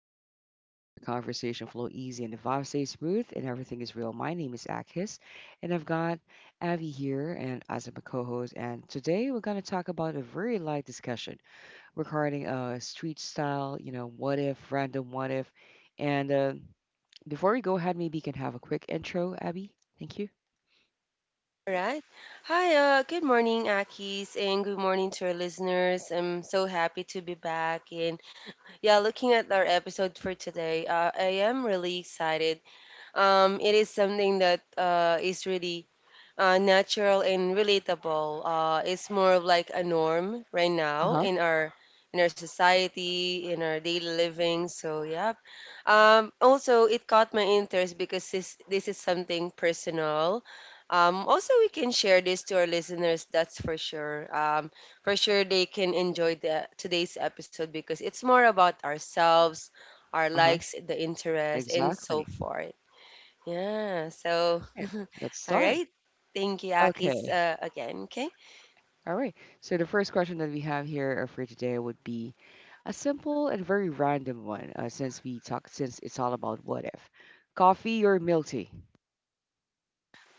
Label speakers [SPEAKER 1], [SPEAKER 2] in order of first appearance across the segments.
[SPEAKER 1] step into a chill zone where conversation flow easy and the vibe stays smooth and everything is real. My name is Akis, and I've got Avi here and as my co-host. And today we're gonna talk about a very light discussion regarding street style. You know, what if, random what if. And Before we go ahead, maybe you can have a quick intro, Abby. Thank you.
[SPEAKER 2] All right. Hi, good morning, Akis, and good morning to our listeners. I'm so happy to be back. And yeah, looking at our episode for today, I am really excited. It is something that is really natural and relatable. It's more of like a norm right
[SPEAKER 1] Uh
[SPEAKER 2] now
[SPEAKER 1] huh.
[SPEAKER 2] in our society, in our daily living. So yeah. Also, it caught my interest because this is something personal. Also, we can share this to our listeners. That's for sure. For sure, they can enjoy the today's episode because it's more about ourselves, our
[SPEAKER 1] Uh huh.
[SPEAKER 2] likes, the interest, and so
[SPEAKER 1] Exactly.
[SPEAKER 2] forth. Yeah. So,
[SPEAKER 1] Right. Let's
[SPEAKER 2] all
[SPEAKER 1] start.
[SPEAKER 2] right. Thank you, Akis,
[SPEAKER 1] Okay.
[SPEAKER 2] again. Okay.
[SPEAKER 1] All right. So the first question that we have here for today would be a simple and very random one, since we talk since it's all about what if. Coffee or milk tea?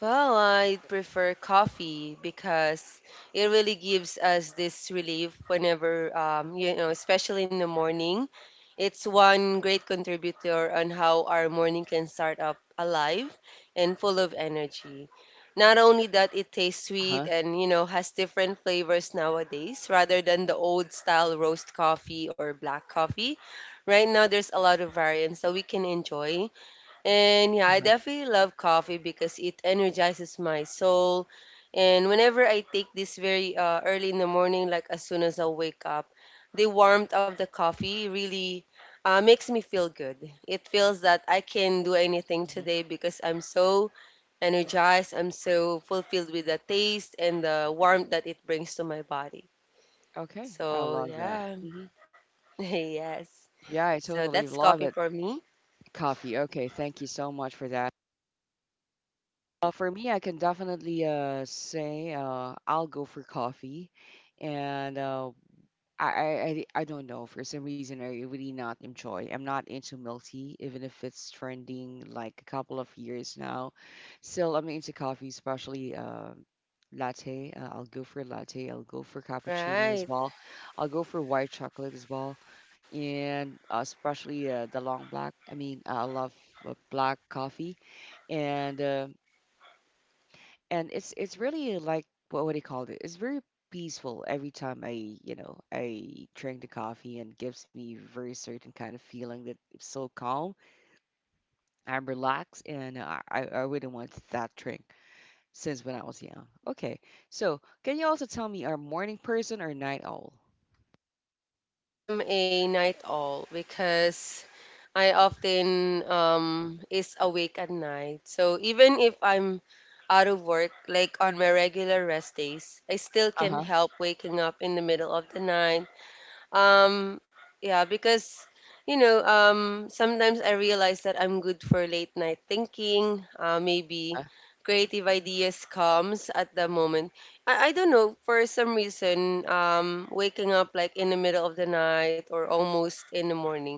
[SPEAKER 2] Well, I prefer coffee because it really gives us this relief whenever, you know, especially in the morning. It's one great contributor on how our morning can start up alive and full of energy. Not only that, it tastes sweet
[SPEAKER 1] Uh-huh.
[SPEAKER 2] and, you know, has different flavors nowadays rather than the old style roast coffee or black coffee. Right now, there's a lot of variants that we can enjoy, and yeah, I
[SPEAKER 1] Uh-huh.
[SPEAKER 2] definitely love coffee because it energizes my soul. And whenever I take this very early in the morning, like as soon as I wake up, the warmth of the coffee really makes me feel good. It feels that I can do anything
[SPEAKER 1] Mhm.
[SPEAKER 2] today because I'm so energized, I'm so fulfilled with the taste and the warmth that it brings to my body.
[SPEAKER 1] Okay, I
[SPEAKER 2] So,
[SPEAKER 1] love that.
[SPEAKER 2] yeah,
[SPEAKER 1] Hmm.
[SPEAKER 2] yes.
[SPEAKER 1] Yeah, I
[SPEAKER 2] So
[SPEAKER 1] totally
[SPEAKER 2] that's
[SPEAKER 1] love
[SPEAKER 2] coffee
[SPEAKER 1] it.
[SPEAKER 2] for me.
[SPEAKER 1] Coffee. Okay, thank you so much for that. For me, I can definitely say I'll go for coffee. And uh, I don't know. For some reason, I really not enjoy. I'm not into milk tea, even if it's trending like a couple of years now. Still, I'm into coffee, especially latte. I'll go for latte. I'll go for cappuccino as
[SPEAKER 2] Right.
[SPEAKER 1] well. I'll go for white chocolate as well, and especially the long black. I mean, I love black coffee and. Uh, and it's really like, what would he call it? It's very peaceful every time I, you know, I drink the coffee, and gives me very certain kind of feeling that it's so calm. I'm relaxed, and I wouldn't want that drink since when I was young. Okay, so can you also tell me, are morning person or night owl?
[SPEAKER 2] I'm a night owl because I often is awake at night. So even if I'm out of work, like on my regular rest days, I still
[SPEAKER 1] Uh
[SPEAKER 2] can
[SPEAKER 1] huh.
[SPEAKER 2] help waking up in the middle of the night, um, yeah, because you know, sometimes I realize that I'm good for late night thinking. Maybe
[SPEAKER 1] Uh,
[SPEAKER 2] creative ideas comes at the moment. I don't know for some reason. Waking up like in the middle of the night or almost in the morning,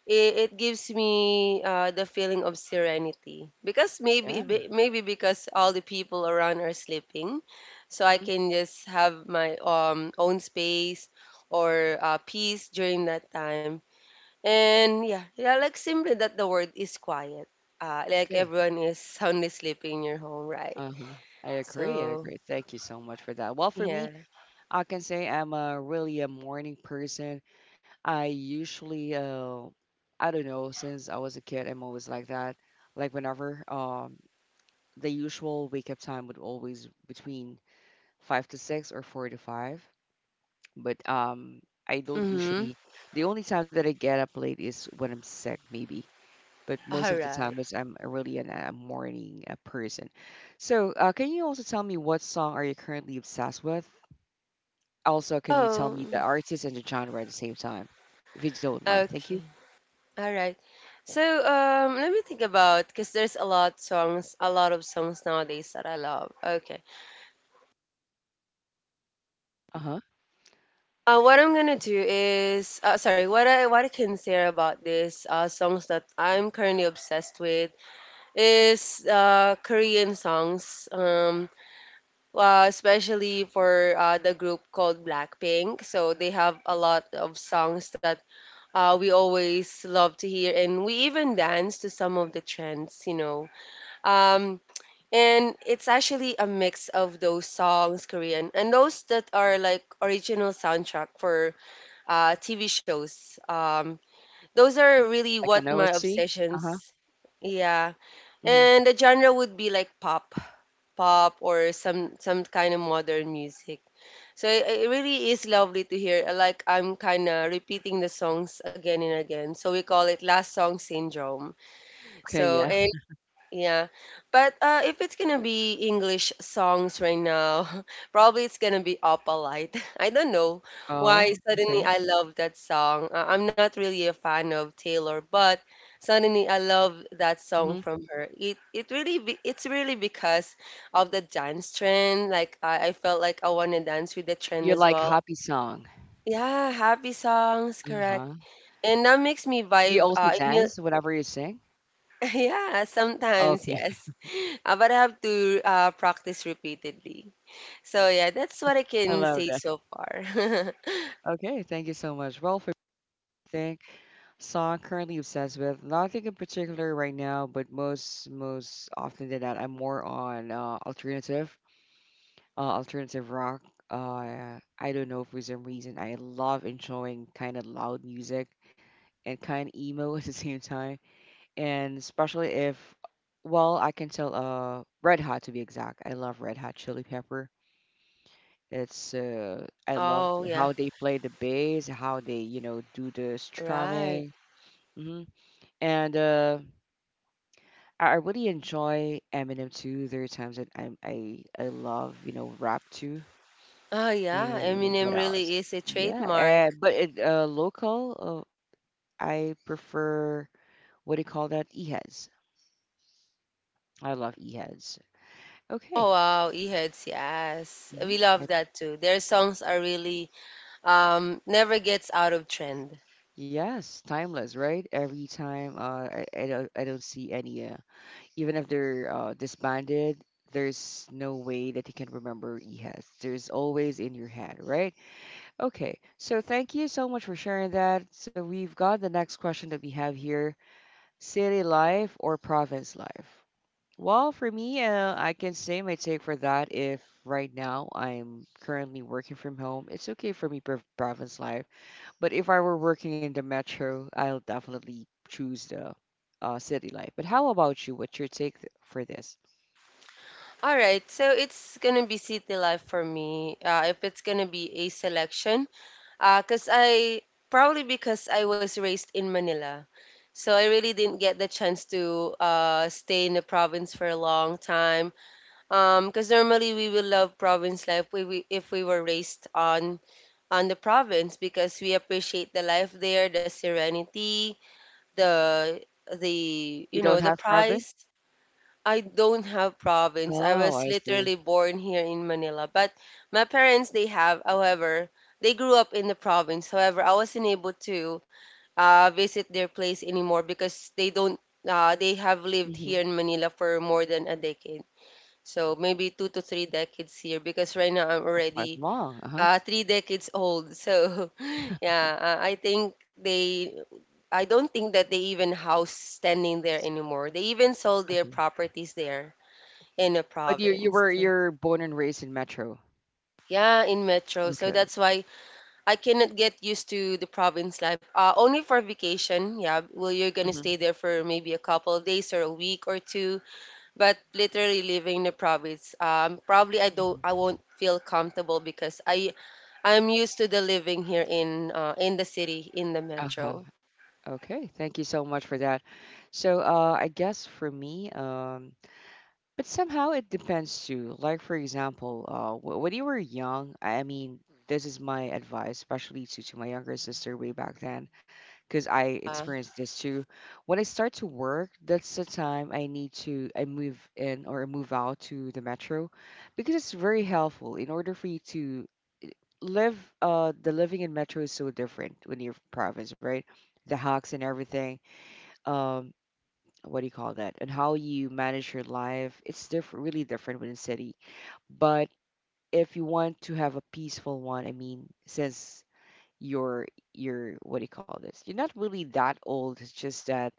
[SPEAKER 2] it gives me the feeling of serenity because
[SPEAKER 1] yeah.
[SPEAKER 2] maybe because all the people around are sleeping, so I
[SPEAKER 1] Mhm.
[SPEAKER 2] can just have my own space or peace during that time. And yeah, yeah, like simply that the word is quiet, like
[SPEAKER 1] Okay.
[SPEAKER 2] everyone is soundly sleeping in your home, right?
[SPEAKER 1] Uh huh. I agree, I
[SPEAKER 2] So
[SPEAKER 1] agree. Thank you so much for that. Well, for me,
[SPEAKER 2] yeah.
[SPEAKER 1] I can say I'm a really a morning person. I usually, I don't know, since I was a kid, I'm always like that. Like whenever, the usual wake up time would always between five to six or four to five. But I don't
[SPEAKER 2] Mm-hmm.
[SPEAKER 1] usually, the only time that I get up late is when I'm sick maybe. But most
[SPEAKER 2] All
[SPEAKER 1] of the
[SPEAKER 2] right.
[SPEAKER 1] time is I'm a really an, a morning person. So can you also tell me what song are you currently obsessed with? Also, can you tell
[SPEAKER 2] Oh,
[SPEAKER 1] me the artist and the genre at the same time, if you don't mind? Thank
[SPEAKER 2] okay.
[SPEAKER 1] you.
[SPEAKER 2] All right. So, let me think about because there's a lot songs, a lot of songs nowadays that I love. Okay.
[SPEAKER 1] Uh huh.
[SPEAKER 2] What I'm gonna do is, sorry, what I can say about this songs that I'm currently obsessed with is Korean songs. Especially for the group called Blackpink. So they have a lot of songs that we always love to hear, and we even dance to some of the trends. You know. Um, and it's actually a mix of those songs korean and those that are like original soundtrack for tv shows, those are really
[SPEAKER 1] Like an
[SPEAKER 2] what my
[SPEAKER 1] OST. Uh
[SPEAKER 2] obsessions. Yeah.
[SPEAKER 1] huh.
[SPEAKER 2] And the genre would be like pop or some kind of modern music. So it really is lovely to hear, like I'm kind of repeating the songs again and again, so we call it last song syndrome.
[SPEAKER 1] Okay,
[SPEAKER 2] So
[SPEAKER 1] yeah.
[SPEAKER 2] and yeah, but if it's gonna be English songs right now, probably it's gonna be Opalite. I don't know why
[SPEAKER 1] Oh,
[SPEAKER 2] suddenly
[SPEAKER 1] okay.
[SPEAKER 2] I love that song. I'm not really a fan of Taylor, but suddenly I love that song
[SPEAKER 1] Hmm.
[SPEAKER 2] from her. It's really because of the dance trend. Like I felt like I wanna dance with the trend
[SPEAKER 1] You
[SPEAKER 2] as
[SPEAKER 1] like
[SPEAKER 2] well.
[SPEAKER 1] happy song.
[SPEAKER 2] Yeah, happy songs, correct.
[SPEAKER 1] Uh-huh.
[SPEAKER 2] And that makes me
[SPEAKER 1] Do you
[SPEAKER 2] vibe.
[SPEAKER 1] also dance whenever you sing?
[SPEAKER 2] Yeah, sometimes
[SPEAKER 1] Okay,
[SPEAKER 2] yes. But I have to practice repeatedly. So yeah, that's what I
[SPEAKER 1] I
[SPEAKER 2] can
[SPEAKER 1] love
[SPEAKER 2] say
[SPEAKER 1] that.
[SPEAKER 2] so far.
[SPEAKER 1] Okay, thank you so much. Well, for think, song currently obsessed with, nothing in particular right now, but most, most often than that, I'm more on alternative, alternative rock. I don't know, for some reason I love enjoying kind of loud music and kind of emo at the same time. And especially if, well, I can tell red hot to be exact, I love Red Hot Chili Pepper. It's I love
[SPEAKER 2] Oh yeah,
[SPEAKER 1] how they play the bass, how they, you know, do the
[SPEAKER 2] right.
[SPEAKER 1] strumming. Hmm. And uh, I i really enjoy Eminem too. There are times that I love, you know, rap too.
[SPEAKER 2] Oh yeah,
[SPEAKER 1] And
[SPEAKER 2] Eminem
[SPEAKER 1] what else?
[SPEAKER 2] really is a
[SPEAKER 1] Yeah,
[SPEAKER 2] trademark.
[SPEAKER 1] but it local, I prefer, what do you call that, Eheads. I love Eheads.
[SPEAKER 2] Oh
[SPEAKER 1] Okay.
[SPEAKER 2] wow, E-Heads, yes.
[SPEAKER 1] Hmm.
[SPEAKER 2] We love that too. Their songs are really never gets out of trend.
[SPEAKER 1] Yes, timeless, right? Every time, uh, I don't, I don't see any even if they're disbanded, there's no way that you can remember has. There's always in your head, right? Okay, so thank you so much for sharing that. So we've got the next question that we have here, city life or province life? Well, for me, I can say my take for that, if right now I'm currently working from home, it's okay for me province life, but if I were working in the metro, I'll definitely choose the city life. But how about you? What's your take for this?
[SPEAKER 2] All right, so it's gonna be City Life for me. If it's gonna be a selection, cause I probably because I was raised in Manila, so I really didn't get the chance to stay in the province for a long time. Cause normally we will love province life, if we were raised on the province because we appreciate the life there, the serenity, the the
[SPEAKER 1] You
[SPEAKER 2] you
[SPEAKER 1] don't
[SPEAKER 2] know the
[SPEAKER 1] have
[SPEAKER 2] price.
[SPEAKER 1] province?
[SPEAKER 2] I don't have province. I
[SPEAKER 1] Oh,
[SPEAKER 2] was
[SPEAKER 1] I see.
[SPEAKER 2] literally born here in Manila. But my parents, they have, however, they grew up in the province. However, I wasn't able to visit their place anymore because they don't, they have lived
[SPEAKER 1] Hmm.
[SPEAKER 2] here in Manila for more than a decade. So maybe two to three decades here because right now I'm
[SPEAKER 1] Quite
[SPEAKER 2] already
[SPEAKER 1] long. Uh-huh.
[SPEAKER 2] three decades old. So yeah, I don't think that they even house standing there anymore. They even sold their
[SPEAKER 1] Okay.
[SPEAKER 2] properties there in a
[SPEAKER 1] But you
[SPEAKER 2] province.
[SPEAKER 1] were,
[SPEAKER 2] So,
[SPEAKER 1] you're born and raised in metro.
[SPEAKER 2] yeah, in metro. So
[SPEAKER 1] Okay.
[SPEAKER 2] that's why I cannot get used to the province life. Only for vacation. Yeah, well, you're gonna
[SPEAKER 1] Hmm.
[SPEAKER 2] stay there for maybe a couple of days or a week or two. But literally living in the province, probably
[SPEAKER 1] Hmm.
[SPEAKER 2] I won't feel comfortable because I'm used to the living here in the city, in the
[SPEAKER 1] Uh-huh.
[SPEAKER 2] metro.
[SPEAKER 1] Okay, thank you so much for that. So, I guess for me, but somehow it depends too. Like for example, when you were young, I mean, this is my advice, especially to my younger sister way back then, because I
[SPEAKER 2] Uh,
[SPEAKER 1] experienced this too. When I start to work, that's the time I need to, I move in or move out to the metro, because it's very helpful in order for you to live. The living in metro is so different when you're province, right? The hawks and everything. Um, what do you call that, and how you manage your life, it's different, really different within city. But if you want to have a peaceful one, I mean, since you're you're, what do you call this, you're not really that old, it's just that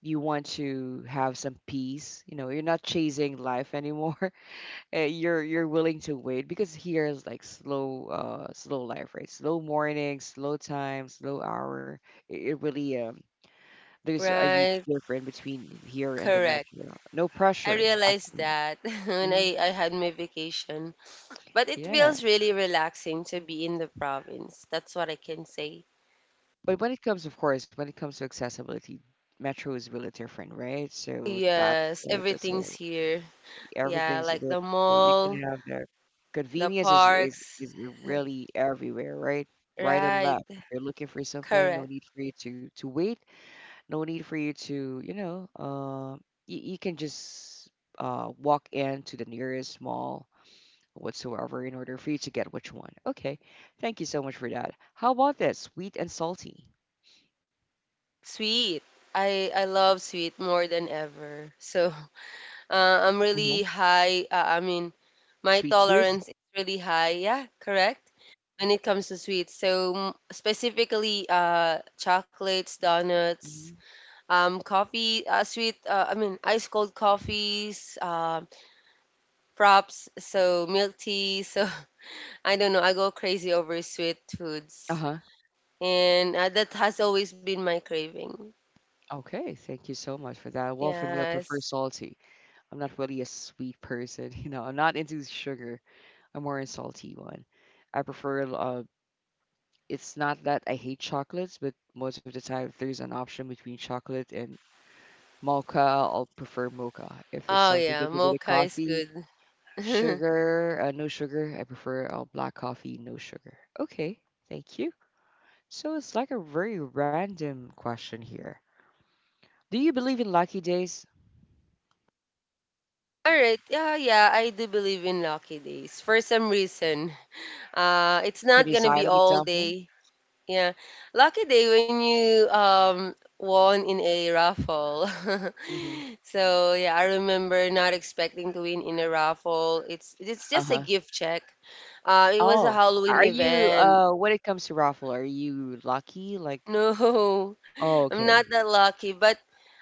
[SPEAKER 1] you want to have some peace, you know, you're not chasing life anymore. Eh, you're willing to wait, because here is like slow, slow life, right? Slow morning, slow time, slow hour. It really there's a huge
[SPEAKER 2] right,
[SPEAKER 1] difference between here and the
[SPEAKER 2] correct.
[SPEAKER 1] metro. No
[SPEAKER 2] I
[SPEAKER 1] pressure.
[SPEAKER 2] realized that when
[SPEAKER 1] Mm-hmm.
[SPEAKER 2] I had my vacation. But it
[SPEAKER 1] Yeah.
[SPEAKER 2] feels really relaxing to be in the province. That's what I can say.
[SPEAKER 1] But when it comes, of course, when it comes to accessibility, metro is really different, right? So that's
[SPEAKER 2] Yes,
[SPEAKER 1] uh, just
[SPEAKER 2] everything's
[SPEAKER 1] uh,
[SPEAKER 2] here. Yeah,
[SPEAKER 1] everything's
[SPEAKER 2] like
[SPEAKER 1] there.
[SPEAKER 2] the
[SPEAKER 1] So you can
[SPEAKER 2] mall,
[SPEAKER 1] have the
[SPEAKER 2] the
[SPEAKER 1] convenience
[SPEAKER 2] parks.
[SPEAKER 1] is really everywhere, right? Right and
[SPEAKER 2] Right,
[SPEAKER 1] left. If you're looking for something, no
[SPEAKER 2] correct.
[SPEAKER 1] need for you to wait. No need for you to, you know, you, you can just walk into the nearest mall whatsoever in order for you to get which one. Okay, thank you so much for that. How about this? Sweet and salty.
[SPEAKER 2] Sweet. I love sweet more than ever. So, I'm
[SPEAKER 1] Hmm.
[SPEAKER 2] really high. I mean, my
[SPEAKER 1] Sweet tooth.
[SPEAKER 2] tolerance is really high. Yeah, correct. When it comes to sweets, so mm, specifically, chocolates, donuts,
[SPEAKER 1] Hmm.
[SPEAKER 2] coffee, I mean, ice cold coffees, props, so milk tea. So I don't know, I go crazy over sweet
[SPEAKER 1] Uh
[SPEAKER 2] foods.
[SPEAKER 1] huh.
[SPEAKER 2] And that has always been my craving.
[SPEAKER 1] Okay, thank you so much for that. Well, for me, I prefer
[SPEAKER 2] Yes.
[SPEAKER 1] salty. I'm not really a sweet person. You know, I'm not into sugar. I'm more a salty one. I prefer. It's not that I hate chocolates, but most of the time, if there's an option between chocolate and mocha, I'll prefer mocha. If it's
[SPEAKER 2] Oh,
[SPEAKER 1] something to
[SPEAKER 2] yeah,
[SPEAKER 1] do with a
[SPEAKER 2] mocha is
[SPEAKER 1] coffee,
[SPEAKER 2] good.
[SPEAKER 1] sugar, no sugar. I prefer all black coffee, no sugar. Okay, thank you. So it's like a very random question here. Do you believe in lucky days?
[SPEAKER 2] All right. Yeah, yeah, I do believe in lucky days for some reason. It's
[SPEAKER 1] Can
[SPEAKER 2] not
[SPEAKER 1] you
[SPEAKER 2] gonna be
[SPEAKER 1] cite an
[SPEAKER 2] all
[SPEAKER 1] example?
[SPEAKER 2] day. Yeah. Lucky day when you won in a raffle.
[SPEAKER 1] Mm-hmm.
[SPEAKER 2] So yeah, I remember not expecting to win in a raffle. It's just a
[SPEAKER 1] Uh-huh.
[SPEAKER 2] gift check. It was a
[SPEAKER 1] Oh,
[SPEAKER 2] Halloween
[SPEAKER 1] are you
[SPEAKER 2] event.
[SPEAKER 1] when it comes to raffle, are you lucky? Like,
[SPEAKER 2] No,
[SPEAKER 1] oh,
[SPEAKER 2] I'm
[SPEAKER 1] okay.
[SPEAKER 2] not that lucky, but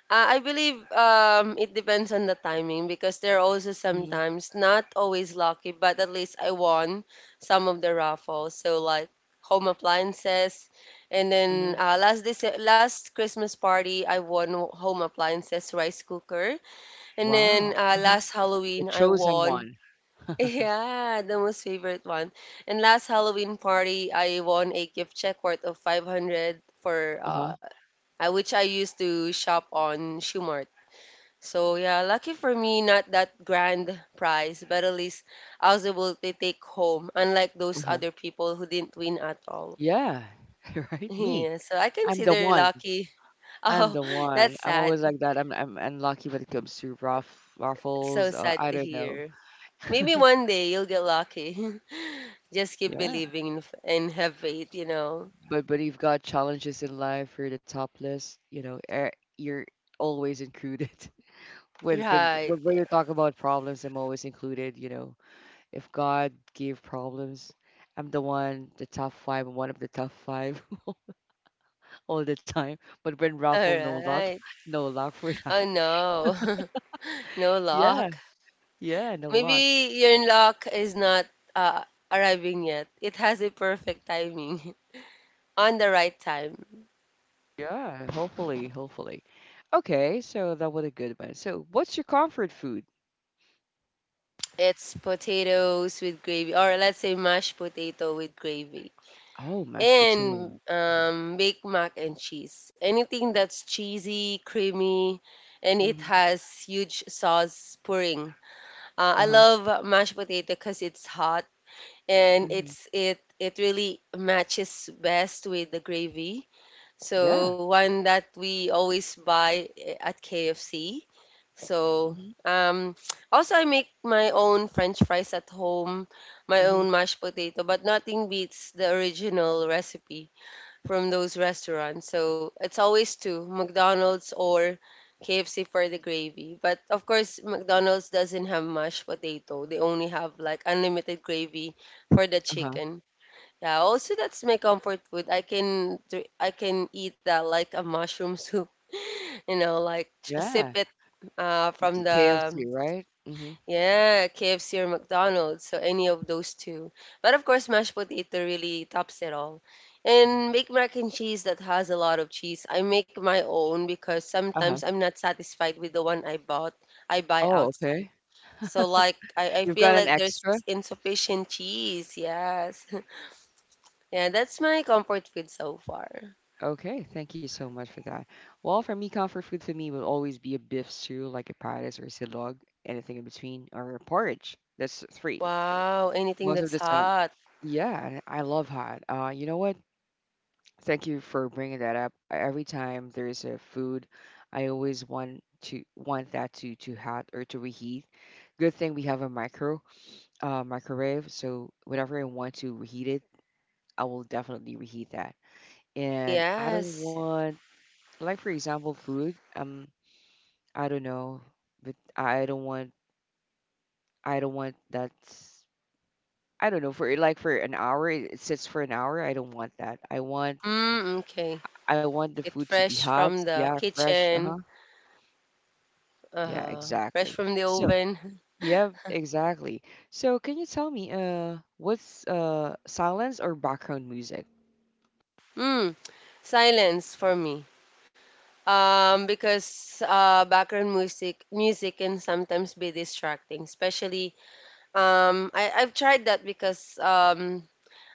[SPEAKER 2] I believe, it depends on the timing because there are also
[SPEAKER 1] Mm-hmm.
[SPEAKER 2] sometimes not always lucky, but at least I won some of the raffles. So like home appliances, and
[SPEAKER 1] Mm-hmm.
[SPEAKER 2] then last this last Christmas party I won home appliances, rice cooker, and
[SPEAKER 1] Wow.
[SPEAKER 2] then
[SPEAKER 1] Uh-huh.
[SPEAKER 2] last
[SPEAKER 1] The
[SPEAKER 2] Halloween I
[SPEAKER 1] chosen
[SPEAKER 2] won.
[SPEAKER 1] one.
[SPEAKER 2] Yeah, the most favorite one. And last Halloween party, I won a gift check worth of 500 for
[SPEAKER 1] Uh-huh.
[SPEAKER 2] which I used to shop on Shoe. So yeah, lucky for me, not that grand prize, but at least I was able to take home, unlike those
[SPEAKER 1] Uh-huh.
[SPEAKER 2] other people who didn't win at all.
[SPEAKER 1] Yeah. Right? Me.
[SPEAKER 2] Yeah, so I
[SPEAKER 1] I'm the
[SPEAKER 2] consider
[SPEAKER 1] one.
[SPEAKER 2] lucky.
[SPEAKER 1] I'm
[SPEAKER 2] Oh,
[SPEAKER 1] the one.
[SPEAKER 2] that's
[SPEAKER 1] I'm
[SPEAKER 2] sad.
[SPEAKER 1] always like that. I'm unlucky when it comes to rough
[SPEAKER 2] So
[SPEAKER 1] raffles.
[SPEAKER 2] sad
[SPEAKER 1] I
[SPEAKER 2] to
[SPEAKER 1] don't know.
[SPEAKER 2] hear. Maybe one day you'll get lucky. Just keep
[SPEAKER 1] Yeah,
[SPEAKER 2] believing in and have faith, you know.
[SPEAKER 1] but you've got challenges in life. You're the top list. You know, you're always included. When, when
[SPEAKER 2] Right.
[SPEAKER 1] when when you
[SPEAKER 2] Yeah.
[SPEAKER 1] talk about problems, I'm always included. You know, if God gave problems, I'm the one, the top five, one of the top five all the time. But when
[SPEAKER 2] All
[SPEAKER 1] raffle, no luck,
[SPEAKER 2] right.
[SPEAKER 1] no luck for that.
[SPEAKER 2] Oh no, no
[SPEAKER 1] Yeah,
[SPEAKER 2] luck.
[SPEAKER 1] yeah, no luck.
[SPEAKER 2] Maybe your luck is not uh, arriving yet. It has a perfect timing on the right time.
[SPEAKER 1] Yeah, hopefully, hopefully. Okay, so that was a good one. So, what's your comfort food?
[SPEAKER 2] It's potatoes with gravy, or let's say mashed potato with gravy,
[SPEAKER 1] Oh, mashed potato.
[SPEAKER 2] and
[SPEAKER 1] Mm-hmm.
[SPEAKER 2] baked mac and cheese. Anything that's cheesy, creamy, and it
[SPEAKER 1] Hmm.
[SPEAKER 2] has huge sauce pouring.
[SPEAKER 1] Uh
[SPEAKER 2] I
[SPEAKER 1] huh.
[SPEAKER 2] love mashed potato because it's hot and
[SPEAKER 1] Hmm.
[SPEAKER 2] it really matches best with the gravy.
[SPEAKER 1] Yeah.
[SPEAKER 2] So one that we always buy eh, at KFC. So
[SPEAKER 1] Mm-hmm.
[SPEAKER 2] um, also I make my own French fries at home, my
[SPEAKER 1] Hmm.
[SPEAKER 2] own mashed potato, but nothing beats the original recipe from those restaurants. So it's always two, McDonald's or KFC for the gravy. But of course, McDonald's doesn't have mashed potato. They only have like unlimited gravy for the
[SPEAKER 1] Uh-huh.
[SPEAKER 2] chicken. Yeah, also that's my comfort food. I can eat that like a mushroom soup, you know, like sip
[SPEAKER 1] Yeah.
[SPEAKER 2] it
[SPEAKER 1] It's
[SPEAKER 2] from the
[SPEAKER 1] KFC, right? Mm-hmm.
[SPEAKER 2] yeah, KFC or McDonald's, so any of those two. But of course, mashed potato really tops it all. And make mac and cheese that has a lot of cheese. I make my own because
[SPEAKER 1] Uh-huh.
[SPEAKER 2] sometimes I'm not satisfied with the one I bought. I buy
[SPEAKER 1] Oh,
[SPEAKER 2] outside.
[SPEAKER 1] okay.
[SPEAKER 2] So like I
[SPEAKER 1] You've
[SPEAKER 2] feel
[SPEAKER 1] got an
[SPEAKER 2] like there's
[SPEAKER 1] extra?
[SPEAKER 2] insufficient cheese. Yes. Yeah, that's my comfort food so far.
[SPEAKER 1] Okay, thank you so much for that. Well, for me, comfort food for me will always be a beef stew, like a patis or a silog, anything in between, or a porridge. That's three.
[SPEAKER 2] Wow, anything
[SPEAKER 1] Most of
[SPEAKER 2] that's
[SPEAKER 1] the time.
[SPEAKER 2] hot.
[SPEAKER 1] Yeah, I love hot. You know what? Thank you for bringing that up. E-, every time there's a food, I always want to want that to hot or to reheat. Good thing we have a microwave, so whenever I want to reheat it, I will definitely reheat that. And I don't
[SPEAKER 2] Yes.
[SPEAKER 1] want, like for example, food. I don't know, but I don't want, I don't want that. I don't know, for like for an hour. It sits for an hour. I don't want that. I want,
[SPEAKER 2] Mm, okay.
[SPEAKER 1] I want the
[SPEAKER 2] Get
[SPEAKER 1] food to be
[SPEAKER 2] fresh
[SPEAKER 1] hot.
[SPEAKER 2] from the
[SPEAKER 1] Yeah, fresh. Uh
[SPEAKER 2] kitchen.
[SPEAKER 1] huh. Yeah,
[SPEAKER 2] Uh-huh. Fresh
[SPEAKER 1] exactly.
[SPEAKER 2] from the
[SPEAKER 1] So,
[SPEAKER 2] oven.
[SPEAKER 1] yeah, exactly. So, can you tell me, what's silence or background music?
[SPEAKER 2] Mm. Silence for me. Because background music can sometimes be distracting, especially I've tried that because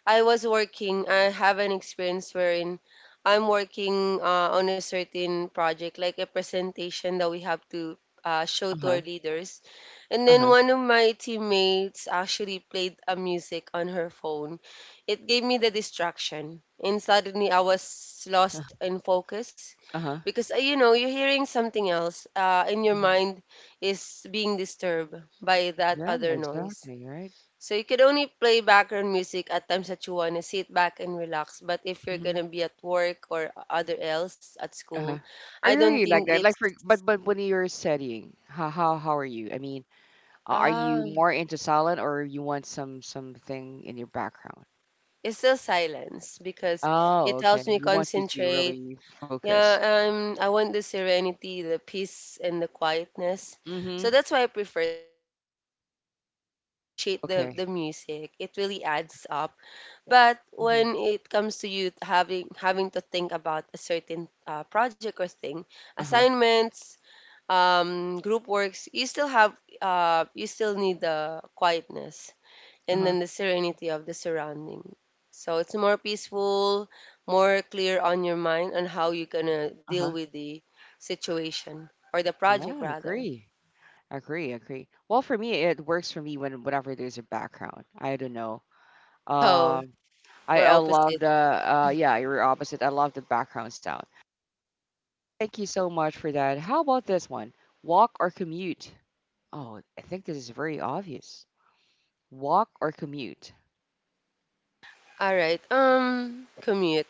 [SPEAKER 2] I was working. I have an experience wherein I'm working on a certain project, like a presentation that we have to show to our
[SPEAKER 1] Uh-huh.
[SPEAKER 2] leaders. And then
[SPEAKER 1] Uh-huh.
[SPEAKER 2] one of my teammates actually played a music on her phone. It gave me the distraction, and suddenly I was lost in focus
[SPEAKER 1] Uh-huh.
[SPEAKER 2] because you know you're hearing something else, and your
[SPEAKER 1] Mhm.
[SPEAKER 2] mind is being disturbed by that
[SPEAKER 1] Yeah,
[SPEAKER 2] other noise.
[SPEAKER 1] exactly, right?
[SPEAKER 2] So you can only play background music at times that you want to sit back and relax. But if you're
[SPEAKER 1] Hmm.
[SPEAKER 2] gonna be at work or other else at school,
[SPEAKER 1] Uh-huh.
[SPEAKER 2] I
[SPEAKER 1] Are you
[SPEAKER 2] don't
[SPEAKER 1] really
[SPEAKER 2] think
[SPEAKER 1] like that?
[SPEAKER 2] it's
[SPEAKER 1] Like for, but when you're studying, how are you? I mean, are you
[SPEAKER 2] ah
[SPEAKER 1] more into silent or you want some something in your background?
[SPEAKER 2] it's still silence because
[SPEAKER 1] Oh,
[SPEAKER 2] it
[SPEAKER 1] okay.
[SPEAKER 2] helps me
[SPEAKER 1] You want to
[SPEAKER 2] concentrate.
[SPEAKER 1] really focus.
[SPEAKER 2] Yeah, I want the serenity, the peace, and the quietness. So
[SPEAKER 1] Mm-hmm.
[SPEAKER 2] that's why I prefer silence because if I really appreciate the
[SPEAKER 1] Okay.
[SPEAKER 2] the music, it really adds up. But
[SPEAKER 1] Mm-hmm.
[SPEAKER 2] when it comes to you having to think about a certain project or thing,
[SPEAKER 1] Uh-huh.
[SPEAKER 2] assignments, group works, you still have you still need the quietness and
[SPEAKER 1] Uh-huh.
[SPEAKER 2] then the serenity of the surrounding. So it's more peaceful, more clear on your mind on how you're gonna deal
[SPEAKER 1] Uh-huh.
[SPEAKER 2] with the situation or the
[SPEAKER 1] Yeah,
[SPEAKER 2] project
[SPEAKER 1] I
[SPEAKER 2] rather.
[SPEAKER 1] agree. Agree, agree. Well, for me, it works for me when whenever there's a background. I don't know.
[SPEAKER 2] So
[SPEAKER 1] Um,
[SPEAKER 2] we're
[SPEAKER 1] I love
[SPEAKER 2] opposite.
[SPEAKER 1] the yeah, you're opposite. I love the background sound. Thank you so much for that. How about this one? Walk or commute? Oh, I think this is very obvious. Walk or commute?
[SPEAKER 2] Alright, commute.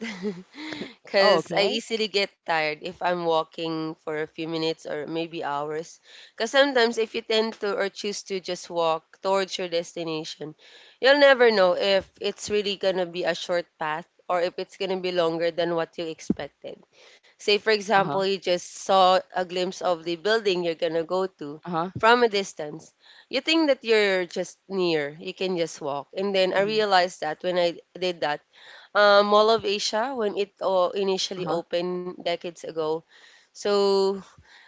[SPEAKER 1] Oh,
[SPEAKER 2] Because I
[SPEAKER 1] okay.
[SPEAKER 2] easily get tired if I'm walking for a few minutes or maybe hours. Because sometimes if you tend to or choose to just walk towards your destination, you'll never know if it's really gonna be a short path or if it's gonna be longer than what you expected. Say, for
[SPEAKER 1] Uh-huh.
[SPEAKER 2] example, you just saw a glimpse of the building you're gonna go to
[SPEAKER 1] Uh-huh.
[SPEAKER 2] from a distance you think that you're just near, you can just walk. And then I
[SPEAKER 1] Hmm.
[SPEAKER 2] realized that when I did that, Mall of Asia, when it initially
[SPEAKER 1] Uh-huh.
[SPEAKER 2] opened decades ago, so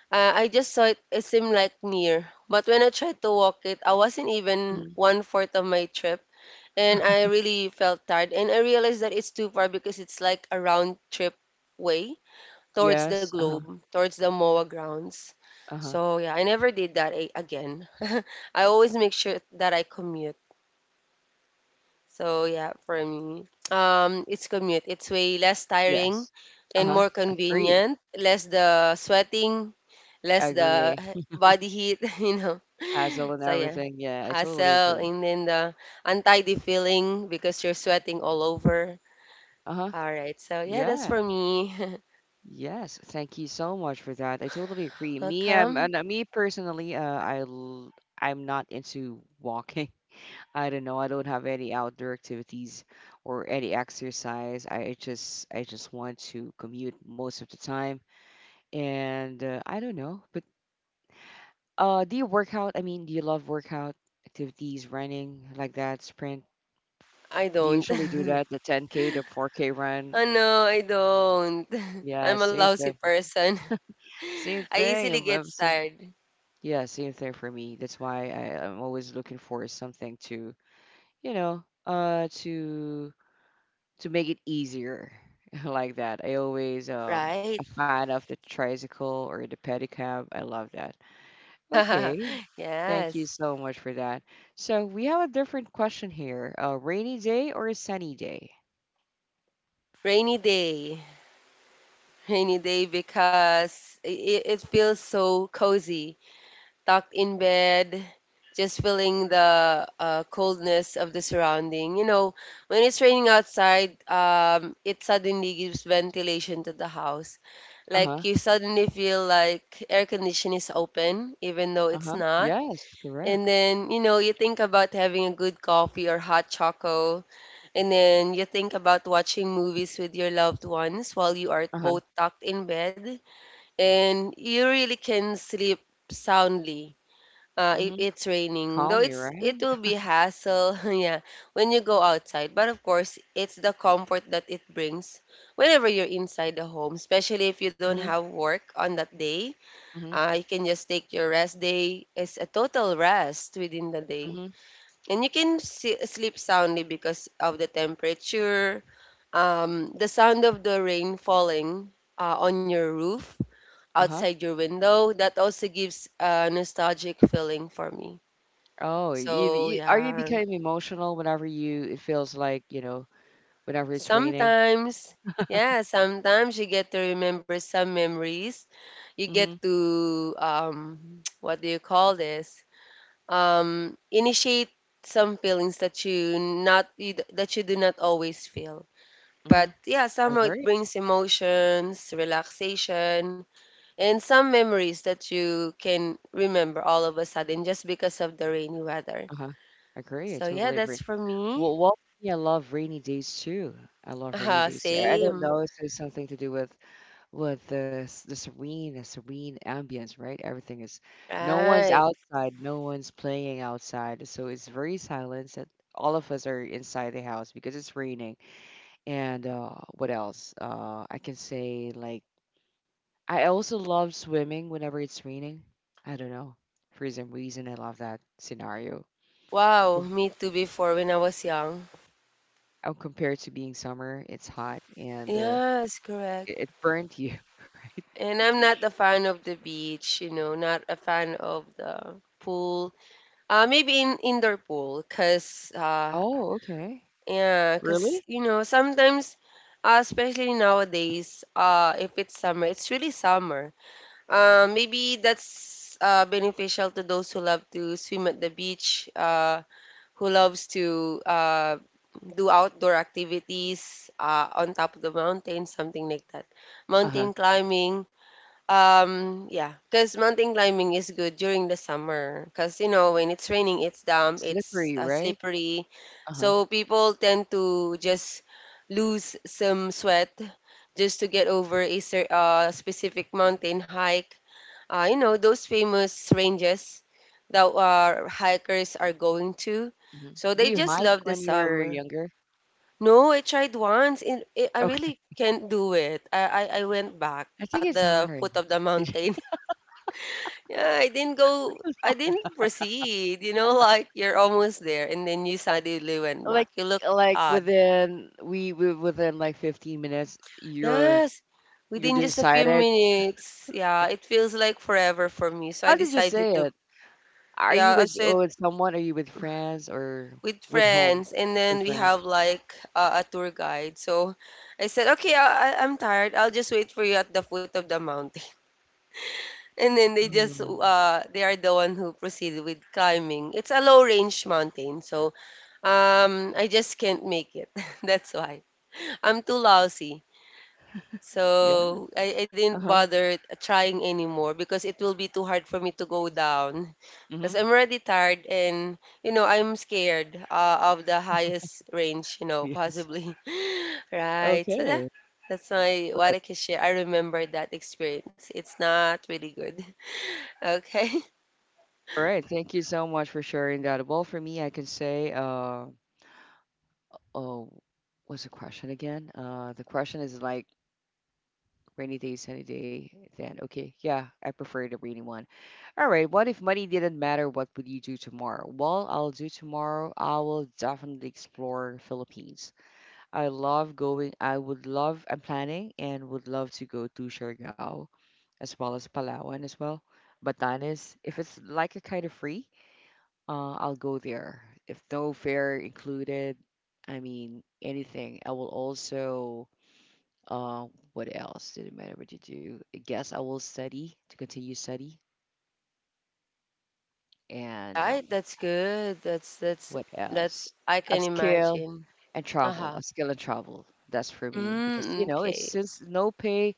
[SPEAKER 2] I just saw it, it seemed like near. But when I tried to walk it, I wasn't even
[SPEAKER 1] Hmm.
[SPEAKER 2] one fourth of my trip. And I really felt tired. And I realized that it's too far because it's like a round trip way towards the
[SPEAKER 1] Yes. Uh-huh.
[SPEAKER 2] globe, towards the MOA grounds.
[SPEAKER 1] Uh-huh.
[SPEAKER 2] So yeah, I never did again. I always make sure that I commute. So yeah, for me, it's commute. It's way less tiring
[SPEAKER 1] Yes.
[SPEAKER 2] and
[SPEAKER 1] Uh-huh.
[SPEAKER 2] more
[SPEAKER 1] Agree.
[SPEAKER 2] convenient. Less the sweating, less the
[SPEAKER 1] Agree.
[SPEAKER 2] body heat. You know.
[SPEAKER 1] Hassle and
[SPEAKER 2] So yeah,
[SPEAKER 1] everything. Yeah, I totally
[SPEAKER 2] hassle
[SPEAKER 1] agree.
[SPEAKER 2] and then the untidy feeling because you're sweating all over.
[SPEAKER 1] Uh-huh.
[SPEAKER 2] All right. So yeah, that's
[SPEAKER 1] Yeah.
[SPEAKER 2] for me.
[SPEAKER 1] Yes, thank you so much for that. I totally agree. Me, um,
[SPEAKER 2] Welcome.
[SPEAKER 1] and uh, me personally, I'm not into walking. I don't know. I don't have any outdoor activities or any exercise. I just want to commute most of the time, and I don't know. But do you work out? I mean, do you love workout activities, running like that, sprint?
[SPEAKER 2] I
[SPEAKER 1] Do you
[SPEAKER 2] don't.
[SPEAKER 1] usually do that, the 10K, the 4K run?
[SPEAKER 2] Oh no, I don't.
[SPEAKER 1] Yeah,
[SPEAKER 2] I'm a
[SPEAKER 1] same
[SPEAKER 2] lousy
[SPEAKER 1] thing.
[SPEAKER 2] person.
[SPEAKER 1] Same
[SPEAKER 2] I
[SPEAKER 1] thing.
[SPEAKER 2] easily get
[SPEAKER 1] I'm so
[SPEAKER 2] tired.
[SPEAKER 1] Yeah, same thing for me. That's why I'm always looking for something to, you know, to make it easier like that. I always
[SPEAKER 2] Right?
[SPEAKER 1] a fan of the tricycle or the pedicab. I love that. Okay, thank you
[SPEAKER 2] Yes.
[SPEAKER 1] so much for that. So we have a different question here: a rainy day or a sunny day?
[SPEAKER 2] Rainy day. Rainy day because it feels so cozy, tucked in bed, just feeling the coldness of the surrounding. You know, when it's raining outside, it suddenly gives ventilation to the house.
[SPEAKER 1] Uh huh.
[SPEAKER 2] Like you suddenly feel like air conditioning is open, even though
[SPEAKER 1] Uh
[SPEAKER 2] it's
[SPEAKER 1] huh.
[SPEAKER 2] not.
[SPEAKER 1] Yes, correct.
[SPEAKER 2] And then, you know, you think about having a good coffee or hot choco. And then you think about watching movies with your loved ones while you are
[SPEAKER 1] Uh huh.
[SPEAKER 2] both tucked in bed. And you really can sleep soundly. If
[SPEAKER 1] Mhm.
[SPEAKER 2] it's raining, though
[SPEAKER 1] Calm me,
[SPEAKER 2] it's
[SPEAKER 1] right?
[SPEAKER 2] it will be hassle, yeah, when you go outside. But of course, it's the comfort that it brings whenever you're inside the home, especially if you don't
[SPEAKER 1] Mhm.
[SPEAKER 2] have work on that day.
[SPEAKER 1] Mhm.
[SPEAKER 2] You can just take your rest day as a total rest within the day.
[SPEAKER 1] Mhm.
[SPEAKER 2] And you can see, sleep soundly because of the temperature, the sound of the rain falling on your roof,
[SPEAKER 1] Uh huh.
[SPEAKER 2] outside your window. That also gives a nostalgic feeling for me.
[SPEAKER 1] Oh, you,
[SPEAKER 2] So,
[SPEAKER 1] you are you becoming emotional whenever you it feels like, whenever it's raining?
[SPEAKER 2] sometimes, yeah, sometimes you get to remember some memories. You get
[SPEAKER 1] Mm-hmm.
[SPEAKER 2] to, what do you call this? Initiate some feelings that you not you, d- that you do not always feel. But
[SPEAKER 1] Mm-hmm.
[SPEAKER 2] yeah,
[SPEAKER 1] I
[SPEAKER 2] somehow it
[SPEAKER 1] agree.
[SPEAKER 2] brings emotions, relaxation, and some memories that you can remember all of a sudden just because of the rainy weather.
[SPEAKER 1] Uh-huh. Agree. I
[SPEAKER 2] So yeah,
[SPEAKER 1] totally
[SPEAKER 2] that's
[SPEAKER 1] agree.
[SPEAKER 2] for me.
[SPEAKER 1] Well, yeah, I love rainy days too. I love rainy days too. I don't
[SPEAKER 2] Same.
[SPEAKER 1] know if there's something to do with the serene ambience, right? Everything is no one's
[SPEAKER 2] Right.
[SPEAKER 1] outside, no one's playing outside, so it's very silent. That all of us are inside the house because it's raining. And what else? I can say, like, I also love swimming whenever it's raining. I don't know. For some reason, I love that scenario.
[SPEAKER 2] Wow,
[SPEAKER 1] Com-
[SPEAKER 2] me too before when I was young.
[SPEAKER 1] Compared to being summer, it's hot and
[SPEAKER 2] Yes, correct.
[SPEAKER 1] it burnt you, right?
[SPEAKER 2] And I'm not a fan of the beach, you know, not a fan of the pool. Maybe in indoor pool, cause.
[SPEAKER 1] Oh, okay.
[SPEAKER 2] Yeah, because
[SPEAKER 1] Really?
[SPEAKER 2] you know sometimes, especially nowadays, if it's summer, it's really summer. Maybe that's beneficial to those who love to swim at the beach, who loves to do outdoor activities on top of the mountain, something like that,
[SPEAKER 1] Uh-huh.
[SPEAKER 2] mountain climbing. Yeah, because mountain climbing is good during the summer. Because, you know, when it's raining, it's damp, it's
[SPEAKER 1] Slippery, right?
[SPEAKER 2] slippery.
[SPEAKER 1] Uh-huh.
[SPEAKER 2] So people tend to just lose some sweat just to get over a cer specific mountain hike. You know, those famous ranges that our hikers are going to.
[SPEAKER 1] Hmm.
[SPEAKER 2] So
[SPEAKER 1] Do
[SPEAKER 2] they
[SPEAKER 1] you
[SPEAKER 2] just
[SPEAKER 1] hike
[SPEAKER 2] love the
[SPEAKER 1] when you were
[SPEAKER 2] summer.
[SPEAKER 1] younger?
[SPEAKER 2] No, I tried once. I
[SPEAKER 1] Okay.
[SPEAKER 2] really can't do it. I went back
[SPEAKER 1] I think
[SPEAKER 2] at
[SPEAKER 1] it's
[SPEAKER 2] the
[SPEAKER 1] hard.
[SPEAKER 2] foot of the mountain. Yeah, I didn't proceed, you know, like you're almost there and then you suddenly went back.
[SPEAKER 1] Like
[SPEAKER 2] You look
[SPEAKER 1] like
[SPEAKER 2] odd.
[SPEAKER 1] within we within like 15 minutes, you're
[SPEAKER 2] Yes,
[SPEAKER 1] you're
[SPEAKER 2] within just a few
[SPEAKER 1] decided.
[SPEAKER 2] minutes. Yeah, it feels like forever for me. So I
[SPEAKER 1] How did you
[SPEAKER 2] decided
[SPEAKER 1] say
[SPEAKER 2] to,
[SPEAKER 1] it? Are you
[SPEAKER 2] yeah, I
[SPEAKER 1] with oh,
[SPEAKER 2] said
[SPEAKER 1] with someone? Are you with friends or
[SPEAKER 2] with
[SPEAKER 1] with whom?
[SPEAKER 2] friends and then
[SPEAKER 1] With
[SPEAKER 2] we
[SPEAKER 1] friends.
[SPEAKER 2] have like a tour guide. So I said, okay, I'm tired. I'll just wait for you at the foot of the mountain. And then they just,
[SPEAKER 1] Mm,
[SPEAKER 2] they are the one who proceeded with climbing. It's a low range mountain. So, I just can't make it. That's why. I'm too lousy.
[SPEAKER 1] yeah.
[SPEAKER 2] So I didn't
[SPEAKER 1] Uh-huh.
[SPEAKER 2] bother trying anymore because it will be too hard for me to go down.
[SPEAKER 1] Mm-hmm.
[SPEAKER 2] Because I'm already tired and, you know, I'm scared of the highest range, you know,
[SPEAKER 1] Yes.
[SPEAKER 2] possibly. Right. So that,
[SPEAKER 1] Okay.
[SPEAKER 2] that's my
[SPEAKER 1] Right.
[SPEAKER 2] what I can share. I remember that experience. It's not really good. Okay.
[SPEAKER 1] All right. Thank you so much for sharing that. Well, for me, I can say, oh, what's the question again? The question is like rainy day, sunny day. Then okay, yeah, I prefer the rainy one. All right. What if money didn't matter? What would you do tomorrow? Well, I'll do tomorrow. I will definitely explore Philippines. I love going. I would love. I'm planning and would love to go to Siargao, as well as Palawan as well. Batanes, if it's like a kind of free, I'll go there. If no fare included, I mean anything. I will also. Uh, what else? Didn't matter what you do. I guess I will study, to continue study, and
[SPEAKER 2] Right. That's good.
[SPEAKER 1] what else?
[SPEAKER 2] I can
[SPEAKER 1] Upskill
[SPEAKER 2] imagine.
[SPEAKER 1] and travel.
[SPEAKER 2] Uh-huh.
[SPEAKER 1] A skill and travel, that's for me, because
[SPEAKER 2] Mm,
[SPEAKER 1] it's
[SPEAKER 2] okay.
[SPEAKER 1] since no pay.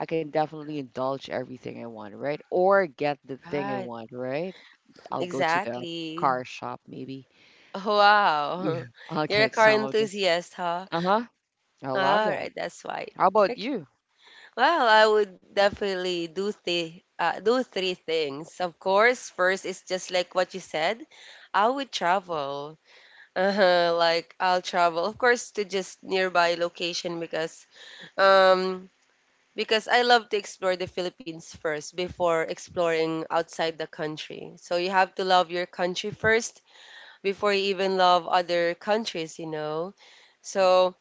[SPEAKER 1] I can definitely indulge everything I want, right? Or get the thing I
[SPEAKER 2] Right.
[SPEAKER 1] want, right? I'll go to the
[SPEAKER 2] Exactly.
[SPEAKER 1] car shop, maybe. Yeah.
[SPEAKER 2] Wow.
[SPEAKER 1] I'll
[SPEAKER 2] You're a
[SPEAKER 1] get
[SPEAKER 2] car
[SPEAKER 1] some of the.
[SPEAKER 2] enthusiast, huh?
[SPEAKER 1] Uh-huh, I love
[SPEAKER 2] All
[SPEAKER 1] that.
[SPEAKER 2] right, that's why.
[SPEAKER 1] How about
[SPEAKER 2] Okay.
[SPEAKER 1] you?
[SPEAKER 2] Well, I would definitely do the do three things. Of course, first is just like what you said. I would travel. Uh-huh, like I'll travel, of course, to just nearby location um because I love to explore the Philippines first before exploring outside the country. So you have to love your country first before you even love other countries, you know. So,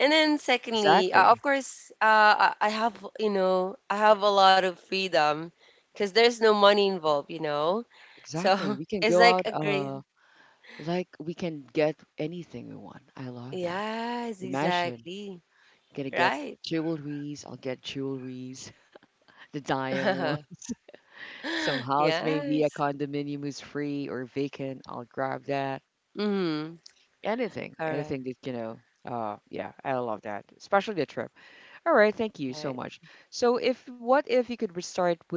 [SPEAKER 2] and then secondly,
[SPEAKER 1] Exactly,
[SPEAKER 2] of course, I have, you know, I have a lot of freedom because there's no money involved, you know. So
[SPEAKER 1] exactly, we can
[SPEAKER 2] it's
[SPEAKER 1] go
[SPEAKER 2] like
[SPEAKER 1] out,
[SPEAKER 2] a great,
[SPEAKER 1] like, we can get anything we want. I love that.
[SPEAKER 2] yes,
[SPEAKER 1] Imagine,
[SPEAKER 2] exactly,
[SPEAKER 1] gonna get
[SPEAKER 2] right.
[SPEAKER 1] jewelries. I'll get jewelries. The diamond. Some house, maybe a
[SPEAKER 2] Yes.
[SPEAKER 1] condominium is free or vacant. I'll grab that.
[SPEAKER 2] Mm,
[SPEAKER 1] Anything, anything,
[SPEAKER 2] correct,
[SPEAKER 1] that you know. Yeah, I love that, especially the trip. All right, thank you so
[SPEAKER 2] right.
[SPEAKER 1] much. So, if what if you could restart with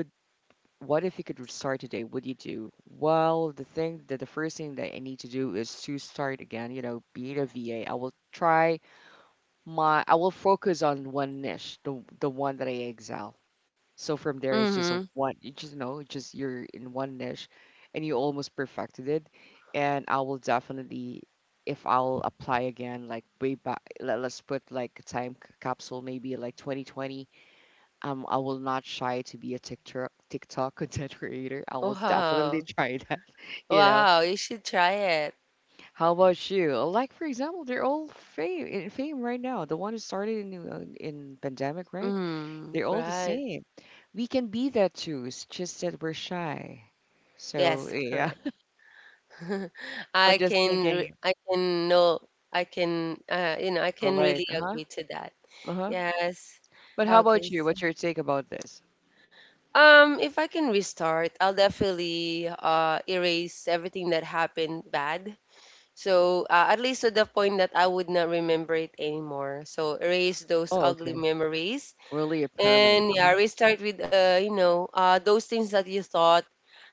[SPEAKER 1] what if you could restart today? Would you do? Well, the first thing that I need to do is to start again. You know, being a VA, I will focus on one niche, the one that I excel. So from there, it's just a
[SPEAKER 2] Mm-hmm.
[SPEAKER 1] one, you just know, it's just you're in one niche, and you almost perfected it. And I will definitely, if I'll apply again, like way back, let's put like a time capsule, maybe like 2020. I will not shy to be a TikTok content creator. I will definitely
[SPEAKER 2] Wow.
[SPEAKER 1] try that, you know.
[SPEAKER 2] Wow, you should try it.
[SPEAKER 1] How about you? Like, for example, they're all fame in fame right now. The one who started in pandemic, right?
[SPEAKER 2] Mm,
[SPEAKER 1] They're all the
[SPEAKER 2] right.
[SPEAKER 1] same. We can be that too. It's just that we're shy. So
[SPEAKER 2] Yes,
[SPEAKER 1] yeah,
[SPEAKER 2] correct.
[SPEAKER 1] I'm just thinking,
[SPEAKER 2] I can know I can you know, I can
[SPEAKER 1] relate.
[SPEAKER 2] really
[SPEAKER 1] Uh huh.
[SPEAKER 2] agree to that.
[SPEAKER 1] Uh huh.
[SPEAKER 2] Yes.
[SPEAKER 1] But how about
[SPEAKER 2] Okay,
[SPEAKER 1] you?
[SPEAKER 2] so
[SPEAKER 1] What's your take about this?
[SPEAKER 2] if I can restart, I'll definitely erase everything that happened bad. So at least to the point that I would not remember it anymore. So erase those
[SPEAKER 1] Oh,
[SPEAKER 2] ugly
[SPEAKER 1] okay.
[SPEAKER 2] memories.
[SPEAKER 1] Really a permanent.
[SPEAKER 2] And
[SPEAKER 1] Uh huh.
[SPEAKER 2] yeah, restart with you know, those things that you thought,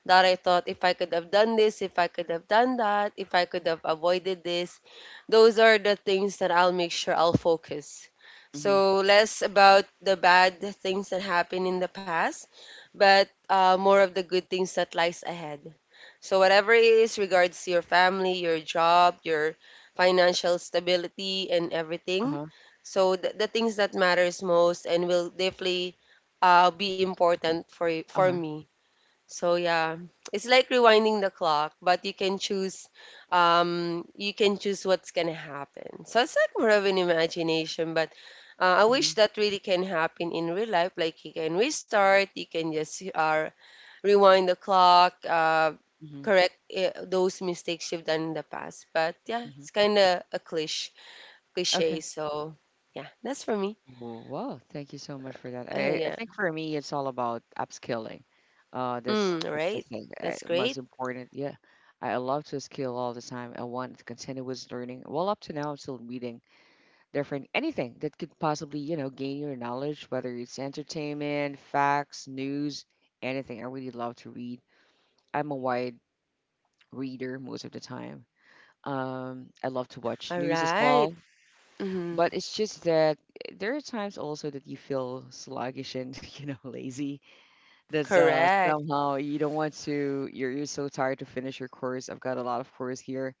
[SPEAKER 2] that I thought if I could have done this, if I could have done that, if I could have avoided this, those are the things that I'll make sure I'll focus.
[SPEAKER 1] Mm-hmm.
[SPEAKER 2] So less about the bad things that happened in the past, but more of the good things that lies ahead. So whatever it is regards to your family, your job, your financial stability and
[SPEAKER 1] Uh
[SPEAKER 2] everything.
[SPEAKER 1] huh.
[SPEAKER 2] So the things that matters most and will definitely be important for
[SPEAKER 1] Uh
[SPEAKER 2] for
[SPEAKER 1] huh.
[SPEAKER 2] me. So yeah, it's like rewinding the clock, but you can choose what's gonna happen. So it's like more of an imagination, but I
[SPEAKER 1] Mm-hmm.
[SPEAKER 2] wish that really can happen in real life. Like you can restart, you can just rewind the clock,
[SPEAKER 1] Mm-hmm.
[SPEAKER 2] correct those mistakes you've done in the past. But yeah,
[SPEAKER 1] Mm-hmm.
[SPEAKER 2] it's kind of a cliche,
[SPEAKER 1] Okay.
[SPEAKER 2] cliche. So yeah, that's for me.
[SPEAKER 1] Well, wow, thank you so much for that.
[SPEAKER 2] Uh,
[SPEAKER 1] I
[SPEAKER 2] yeah.
[SPEAKER 1] think for me, it's all about upskilling. Uh, that's
[SPEAKER 2] Mm,
[SPEAKER 1] that's the
[SPEAKER 2] right.
[SPEAKER 1] thing. I,
[SPEAKER 2] That's great.
[SPEAKER 1] most important, yeah. I love to skill all the time. I want to continue with learning. Well, up to now, I'm still reading different anything that could possibly, gain your knowledge, whether it's entertainment, facts, news, anything. I really love to read. I'm a wide reader most of the time. I love to watch
[SPEAKER 2] All
[SPEAKER 1] news as
[SPEAKER 2] right.
[SPEAKER 1] well.
[SPEAKER 2] Mhm.
[SPEAKER 1] But it's just that there are times also that you feel sluggish and lazy. That's
[SPEAKER 2] Correct.
[SPEAKER 1] somehow you don't want to. You're so tired to finish your course. I've got a lot of course here,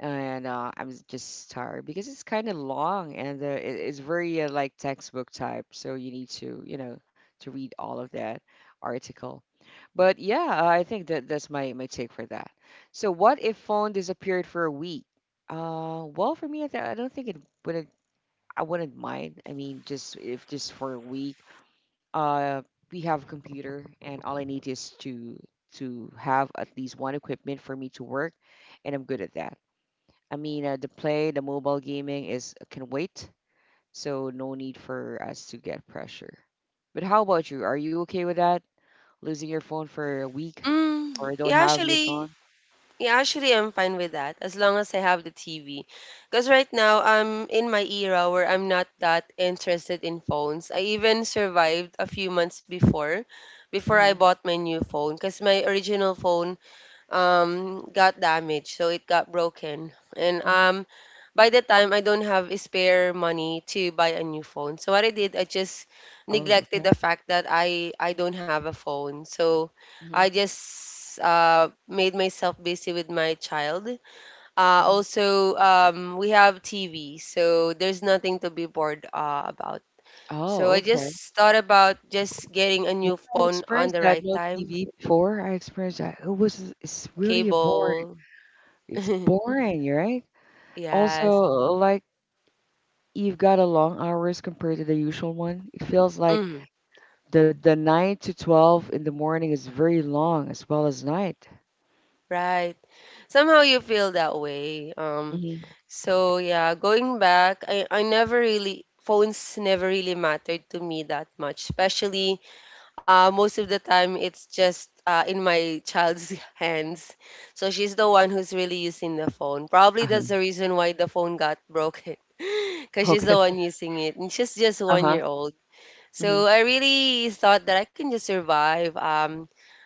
[SPEAKER 1] and I'm just tired because it's kind of long, and it's very like textbook type. So you need to you know to read all of that article. But yeah, I think that that's my take for that. So what if phone disappeared for a week? Well, for me, I don't think it would I wouldn't mind. I mean, just if just for a week. Uh, we have a computer, and all I need is to have at least one equipment for me to work, and I'm good at that. I mean, the mobile gaming is can wait, so no need for us to get pressure. But how about you? Are you okay with that? Losing your phone for a week,
[SPEAKER 2] Mm,
[SPEAKER 1] or don't
[SPEAKER 2] yeah,
[SPEAKER 1] have your
[SPEAKER 2] actually,
[SPEAKER 1] phone?
[SPEAKER 2] yeah, actually, I'm fine with that as long as I have the TV. Because right now I'm in my era where I'm not that interested in phones. I even survived a few months before, before
[SPEAKER 1] Mm-hmm.
[SPEAKER 2] I bought my new phone. Because my original phone got damaged, so it got broken. And
[SPEAKER 1] Hmm.
[SPEAKER 2] by the time I don't have spare money to buy a new phone, so what I did, I just
[SPEAKER 1] Oh,
[SPEAKER 2] neglected
[SPEAKER 1] okay.
[SPEAKER 2] the fact that I don't have a phone. So I
[SPEAKER 1] Mm-hmm.
[SPEAKER 2] just made myself busy with my child.
[SPEAKER 1] Hmm.
[SPEAKER 2] Also, we have TV, so there's nothing to be bored about. So
[SPEAKER 1] Oh,
[SPEAKER 2] I
[SPEAKER 1] okay.
[SPEAKER 2] just thought about just getting a
[SPEAKER 1] Yeah,
[SPEAKER 2] new
[SPEAKER 1] I
[SPEAKER 2] phone on
[SPEAKER 1] experienced
[SPEAKER 2] the
[SPEAKER 1] that.
[SPEAKER 2] right
[SPEAKER 1] No
[SPEAKER 2] time.
[SPEAKER 1] TV before. I experienced that. It's really boring.
[SPEAKER 2] Cable.
[SPEAKER 1] It's boring, right? Also,
[SPEAKER 2] Yes.
[SPEAKER 1] like, you've got a long hours compared to the usual one. It feels like
[SPEAKER 2] Mhm,
[SPEAKER 1] the 9 to 12 in the morning is very long, as well as night.
[SPEAKER 2] right. Somehow you feel that way. Um,
[SPEAKER 1] Mm-hmm.
[SPEAKER 2] so yeah, going back, I never really, phones never really mattered to me that much. Especially most of the time it's just in my child's hands. So she's the one who's really using the phone. Probably that's
[SPEAKER 1] Uh-huh.
[SPEAKER 2] the reason why the phone got broken. Because she's the
[SPEAKER 1] Okay.
[SPEAKER 2] one using it, and she's just one
[SPEAKER 1] Uh-huh.
[SPEAKER 2] year old.
[SPEAKER 1] Hmm.
[SPEAKER 2] So I really thought that I can just survive.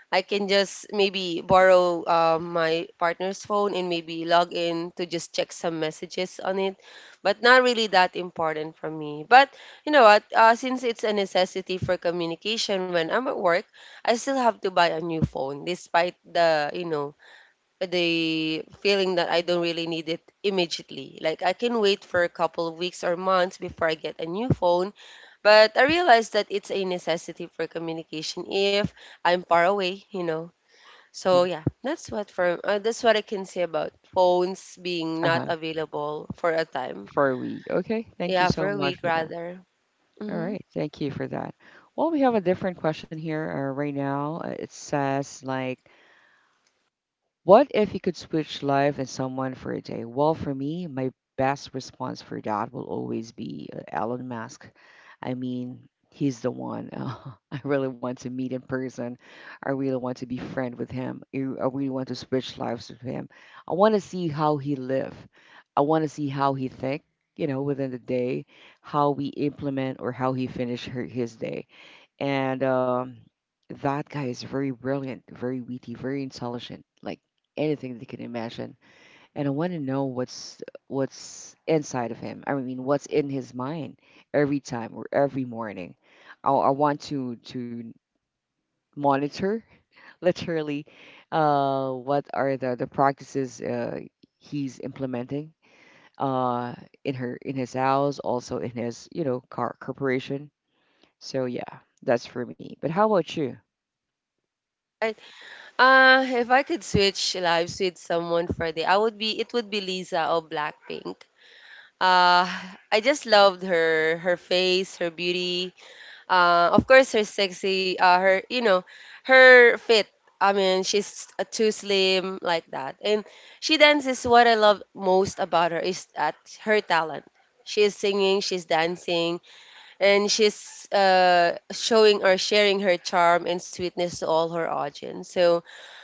[SPEAKER 2] I can just maybe borrow my partner's phone and maybe log in to just check some messages on it, but not really that important for me. But you know what? Since it's a necessity for communication when I'm at work, I still have to buy a new phone, despite the the feeling that I don't really need it immediately. Like I can wait for a couple of weeks or months before I get a new phone, but I realize that it's a necessity for communication if I'm far away, you know. So yeah, that's what for that's what I can say about phones being not
[SPEAKER 1] Uh-huh.
[SPEAKER 2] available for a time.
[SPEAKER 1] For a week. Okay. Thank you
[SPEAKER 2] Yeah, for
[SPEAKER 1] so
[SPEAKER 2] a
[SPEAKER 1] much
[SPEAKER 2] week
[SPEAKER 1] for that.
[SPEAKER 2] rather.
[SPEAKER 1] All
[SPEAKER 2] Mm-hmm.
[SPEAKER 1] right. Thank you for that. Well, we have a different question here, right now. It says, like, what if you could switch life and someone for a day? Well, for me, my best response for that will always be Elon Musk. I mean, he's the one. I really want to meet in person. I really want to be friend with him. I really want to switch lives with him. I want to see how he live. I want to see how he think, within the day, how we implement or how he finish his day. And that guy is very brilliant, very witty, very intelligent, like anything that you can imagine. And I want to know what's inside of him. I mean, what's in his mind every time or every morning. I want to monitor literally, what are the practices, he's implementing, uh, in her in his house, also in his car corporation. So yeah, that's for me. But how about
[SPEAKER 2] Right. If I could switch lives with someone for a day, I would be. It would be Lisa of Blackpink. Uh, I just loved her, her face, her beauty, of course, her sexy, her, you know, her fit. I mean, she's too slim like that. And she dances. What I love most about her is that her talent. She's singing, she's dancing, and she's showing or sharing her charm and sweetness to all her audience. So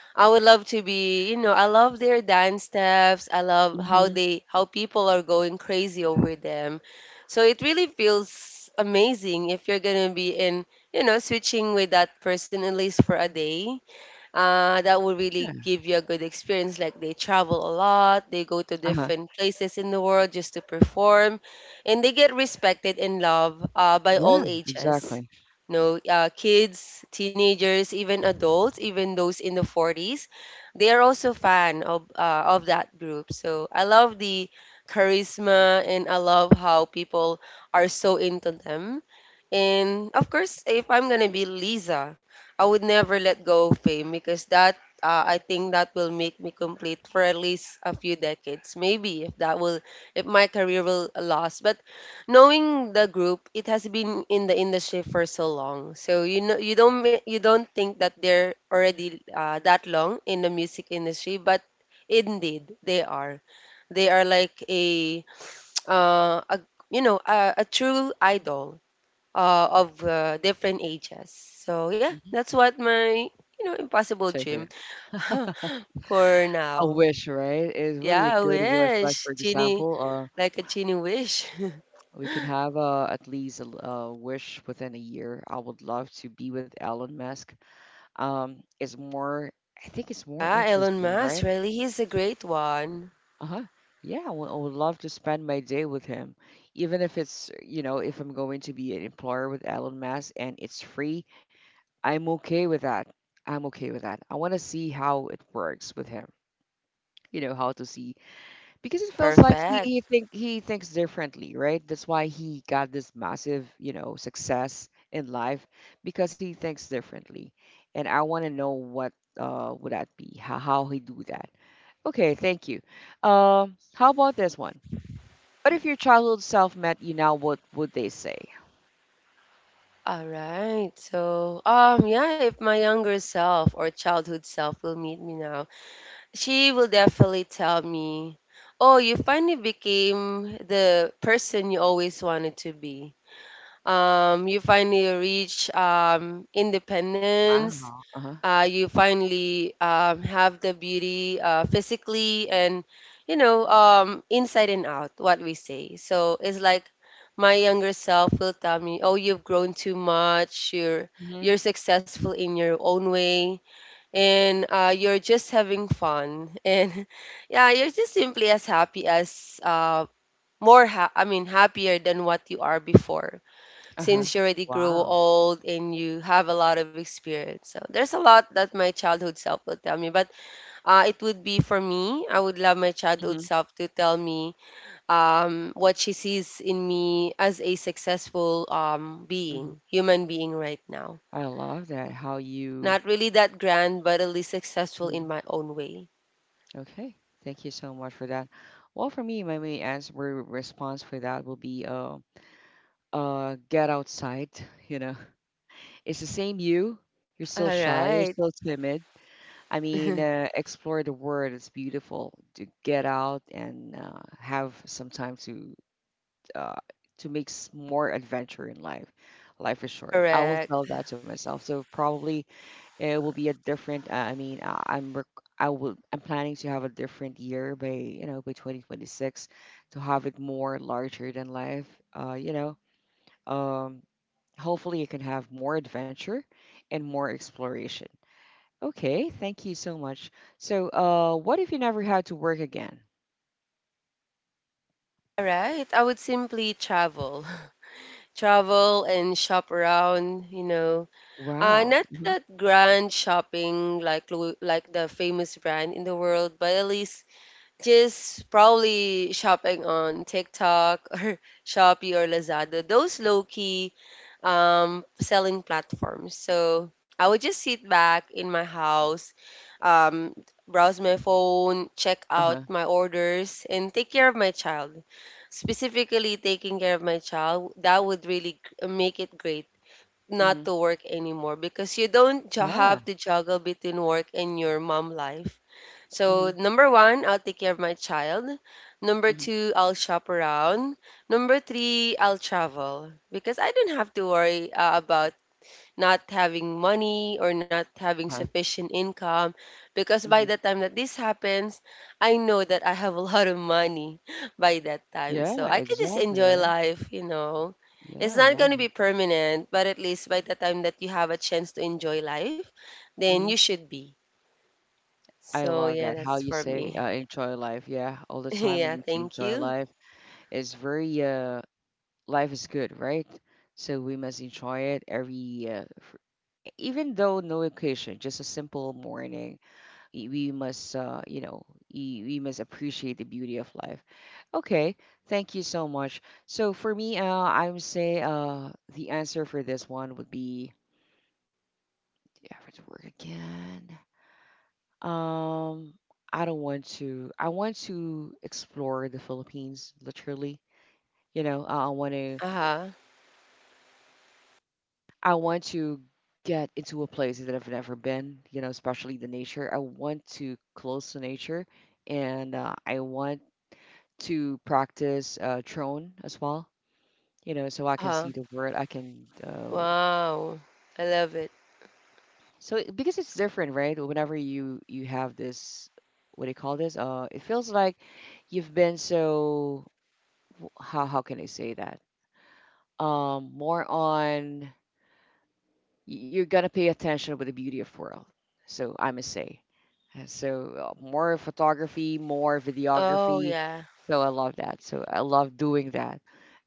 [SPEAKER 2] I would love to be, you know, I love their dance steps. I love how
[SPEAKER 1] you?
[SPEAKER 2] they how people are going crazy over them. So it really feels amazing if you're gonna be in, you know, switching with that person at least for a day. That will
[SPEAKER 1] Yeah,
[SPEAKER 2] really give you a good experience. Like they travel a lot, they go to
[SPEAKER 1] uh-huh.
[SPEAKER 2] different places in the world just to perform, and they get respected and loved by
[SPEAKER 1] Yeah,
[SPEAKER 2] all ages.
[SPEAKER 1] exactly.
[SPEAKER 2] No, kids, teenagers, even adults, even those in the 40s, they are also fan of that group. So I love the charisma and I love how people are so into them. And of course, if I'm gonna be Lisa, I would never let go of fame because that I think that will make me complete for at least a few decades, maybe, if that will, if my career will last. But knowing the group, it has been in the industry for so long, so you know you don't you don't think that they're already that long in the music industry, but indeed they are. They are like a a you know a true idol of different ages. So yeah,
[SPEAKER 1] Mhm.
[SPEAKER 2] that's what my, you know, impossible
[SPEAKER 1] Check for
[SPEAKER 2] dream
[SPEAKER 1] that.
[SPEAKER 2] for
[SPEAKER 1] A
[SPEAKER 2] now.
[SPEAKER 1] wish, right? Is really a
[SPEAKER 2] Yeah, I
[SPEAKER 1] good wish. Like, for
[SPEAKER 2] wish genie,
[SPEAKER 1] example,
[SPEAKER 2] like a genie wish.
[SPEAKER 1] we can have at least a wish within a year. I would love to be with Elon Musk. It's more. I think it's more
[SPEAKER 2] Ah, Elon
[SPEAKER 1] interesting,
[SPEAKER 2] Musk
[SPEAKER 1] right?
[SPEAKER 2] really, he's a great one.
[SPEAKER 1] Uh-huh. Yeah, I would love to spend my day with him, even if it's you know if I'm going to be an employer with Elon Musk, and it's free. I'm okay with that. I'm okay with that. I want to see how it works with him. You know how to see Because it feels like he,
[SPEAKER 2] Perfect.
[SPEAKER 1] he think he thinks differently, right? That's why he got this massive, success in life because he thinks differently. And I want to know what would that be, how he do that. Okay, thank you. How about this one? What if your childhood self met you now, what would they say?
[SPEAKER 2] All right. So yeah, if my younger self or childhood self will meet me now, she will definitely tell me, "Oh, you finally became the person you always wanted to be. You finally reach independence.
[SPEAKER 1] Wow. Uh-huh.
[SPEAKER 2] You finally have the beauty physically and, you know, inside and out, what we say." So it's like my younger self will tell me, "Oh, you've grown too much. You're
[SPEAKER 1] Hmm.
[SPEAKER 2] successful in your own way. And you're just having fun and yeah, you're just simply as happy as, more ha- I mean happier than what you are before,
[SPEAKER 1] Uh-huh.
[SPEAKER 2] since you already grow
[SPEAKER 1] Wow.
[SPEAKER 2] old and you have a lot of experience." So there's a lot that my childhood self will tell me, but it would be for me. I would love my childhood
[SPEAKER 1] Hmm.
[SPEAKER 2] self to tell me what she sees in me as a successful
[SPEAKER 1] Hmm.
[SPEAKER 2] human being right now.
[SPEAKER 1] I love that how you
[SPEAKER 2] Not really that grand, but at least successful in
[SPEAKER 1] Mhm.
[SPEAKER 2] my own way.
[SPEAKER 1] Okay, thank you so much for that. Well, for me, my main answer response for that will be get outside. You know, it's the same you. You're still
[SPEAKER 2] All
[SPEAKER 1] shy. You're
[SPEAKER 2] right.
[SPEAKER 1] still timid. I mean, explore the world. It's beautiful to get out and have some time to uh, more adventure in life. Life is short. I will
[SPEAKER 2] Correct.
[SPEAKER 1] tell that to myself. So probably it will be a different. I mean, I, I'm rec- I will I'm planning to have a different year by you know by 2026 to have it more larger than life. Uh, you know, um, hopefully you can have more adventure and more exploration. Okay, thank you so much. So, what if you never had to work again?
[SPEAKER 2] All right. I would simply travel. Travel and shop around, you know.
[SPEAKER 1] Wow.
[SPEAKER 2] Not
[SPEAKER 1] Uh-huh.
[SPEAKER 2] that grand shopping, like like the famous brand in the world, but at least just probably shopping on TikTok or Shopee or Lazada, those low key selling platforms. So I would just sit back in my house, um, browse my phone, check out
[SPEAKER 1] Uh-huh.
[SPEAKER 2] my orders, and take care of my child. Specifically, taking care of my child, that would really make it great not
[SPEAKER 1] Mm-hmm.
[SPEAKER 2] to work anymore, because you don't
[SPEAKER 1] Yeah.
[SPEAKER 2] have to juggle between work and your mom life.
[SPEAKER 1] Mm-hmm.
[SPEAKER 2] So, number one, I'll take care of my child. Number
[SPEAKER 1] Mm-hmm.
[SPEAKER 2] two, I'll shop around. Number three, I'll travel, because I don't have to worry about not having money or not having
[SPEAKER 1] Huh.
[SPEAKER 2] sufficient income, because by
[SPEAKER 1] Mm-hmm.
[SPEAKER 2] the time that this happens, I know that I have a lot of money by that time. So
[SPEAKER 1] Yeah,
[SPEAKER 2] I could just
[SPEAKER 1] exactly,
[SPEAKER 2] enjoy
[SPEAKER 1] right?
[SPEAKER 2] life, you know. It's
[SPEAKER 1] Yeah, I
[SPEAKER 2] not going
[SPEAKER 1] love
[SPEAKER 2] to be
[SPEAKER 1] it.
[SPEAKER 2] permanent, but at least by the time that you have a chance to enjoy life, then
[SPEAKER 1] Mm-hmm.
[SPEAKER 2] you should be.
[SPEAKER 1] I
[SPEAKER 2] So
[SPEAKER 1] love
[SPEAKER 2] yeah,
[SPEAKER 1] that. How
[SPEAKER 2] that's
[SPEAKER 1] you
[SPEAKER 2] for
[SPEAKER 1] say
[SPEAKER 2] me.
[SPEAKER 1] enjoy life. Yeah, all the time we
[SPEAKER 2] Yeah,
[SPEAKER 1] need to
[SPEAKER 2] thank
[SPEAKER 1] enjoy
[SPEAKER 2] you.
[SPEAKER 1] life. It's very life is good, right? So we must enjoy it every, even though no occasion, just a simple morning. We must, you know, we must appreciate the beauty of life. Okay, thank you so much. So for me, I would say the answer for this one would be the average work again. Um, I don't want to. I want to explore the Philippines, literally. You know,
[SPEAKER 2] Uh-huh.
[SPEAKER 1] I want to get into a place that I've never been. You know, especially the nature. I want to close to nature, and I want to practice drone as well. You know, so I can
[SPEAKER 2] Uh-huh.
[SPEAKER 1] see the world. I can.
[SPEAKER 2] Wow. I love it.
[SPEAKER 1] Because it's different, right? Whenever you have this, what do you call this? It feels like you've been so how can I say that? Um, more on y- you're gonna pay attention with the beauty of world. So I must say, Uh, so more photography, more
[SPEAKER 2] Oh
[SPEAKER 1] videography.
[SPEAKER 2] yeah.
[SPEAKER 1] So I love that. So I love doing that,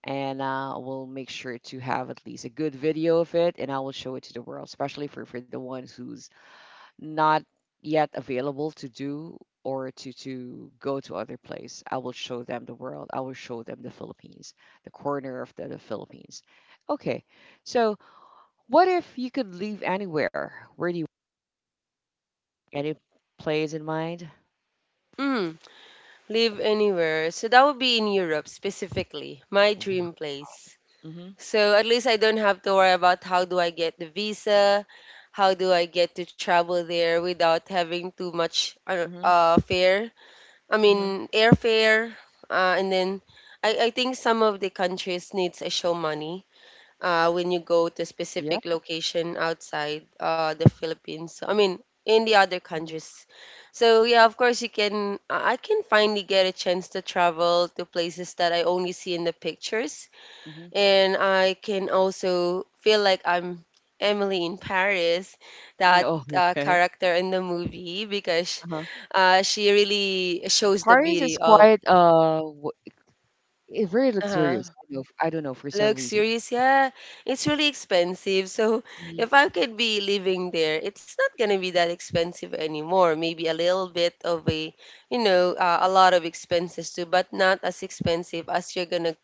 [SPEAKER 1] and I will make sure to have at least a good video of it, and I will show it to the world, especially for the ones who's not yet available to do or to go to other place. I will show them the world. I will show them the Philippines, the corner of the Philippines. Okay. So what if you could live anywhere, where do you any place in mind?
[SPEAKER 2] Mm. Live anywhere. So that would be in Europe specifically, my
[SPEAKER 1] Mm-hmm.
[SPEAKER 2] dream place. So at least I don't have to worry about how do I get the visa, how do I get to travel there without having too much
[SPEAKER 1] Mm-hmm.
[SPEAKER 2] fare. I
[SPEAKER 1] Mm-hmm.
[SPEAKER 2] mean airfare. And then, I think some of the countries needs a show money when you go to
[SPEAKER 1] Yeah.
[SPEAKER 2] specific location outside the Philippines. I mean, in the other
[SPEAKER 1] Mm-hmm.
[SPEAKER 2] countries. So yeah, of course you can. I can finally get a chance to travel to places that I only see in the pictures,
[SPEAKER 1] Mm-hmm.
[SPEAKER 2] and I can also feel like I'm Emily in Paris, that
[SPEAKER 1] Oh. Okay.
[SPEAKER 2] character in the movie, because
[SPEAKER 1] Uh-huh.
[SPEAKER 2] she really shows the
[SPEAKER 1] Paris is
[SPEAKER 2] beauty of.
[SPEAKER 1] quite it very
[SPEAKER 2] Uh-huh.
[SPEAKER 1] luxurious, I know. I don't know, for some reason.
[SPEAKER 2] Luxurious, yeah. It's really expensive. So
[SPEAKER 1] Mhm.
[SPEAKER 2] if I could be living there, it's not gonna be that expensive anymore. Maybe a little bit of a, you know, a lot of expenses too, but not as expensive as you're gonna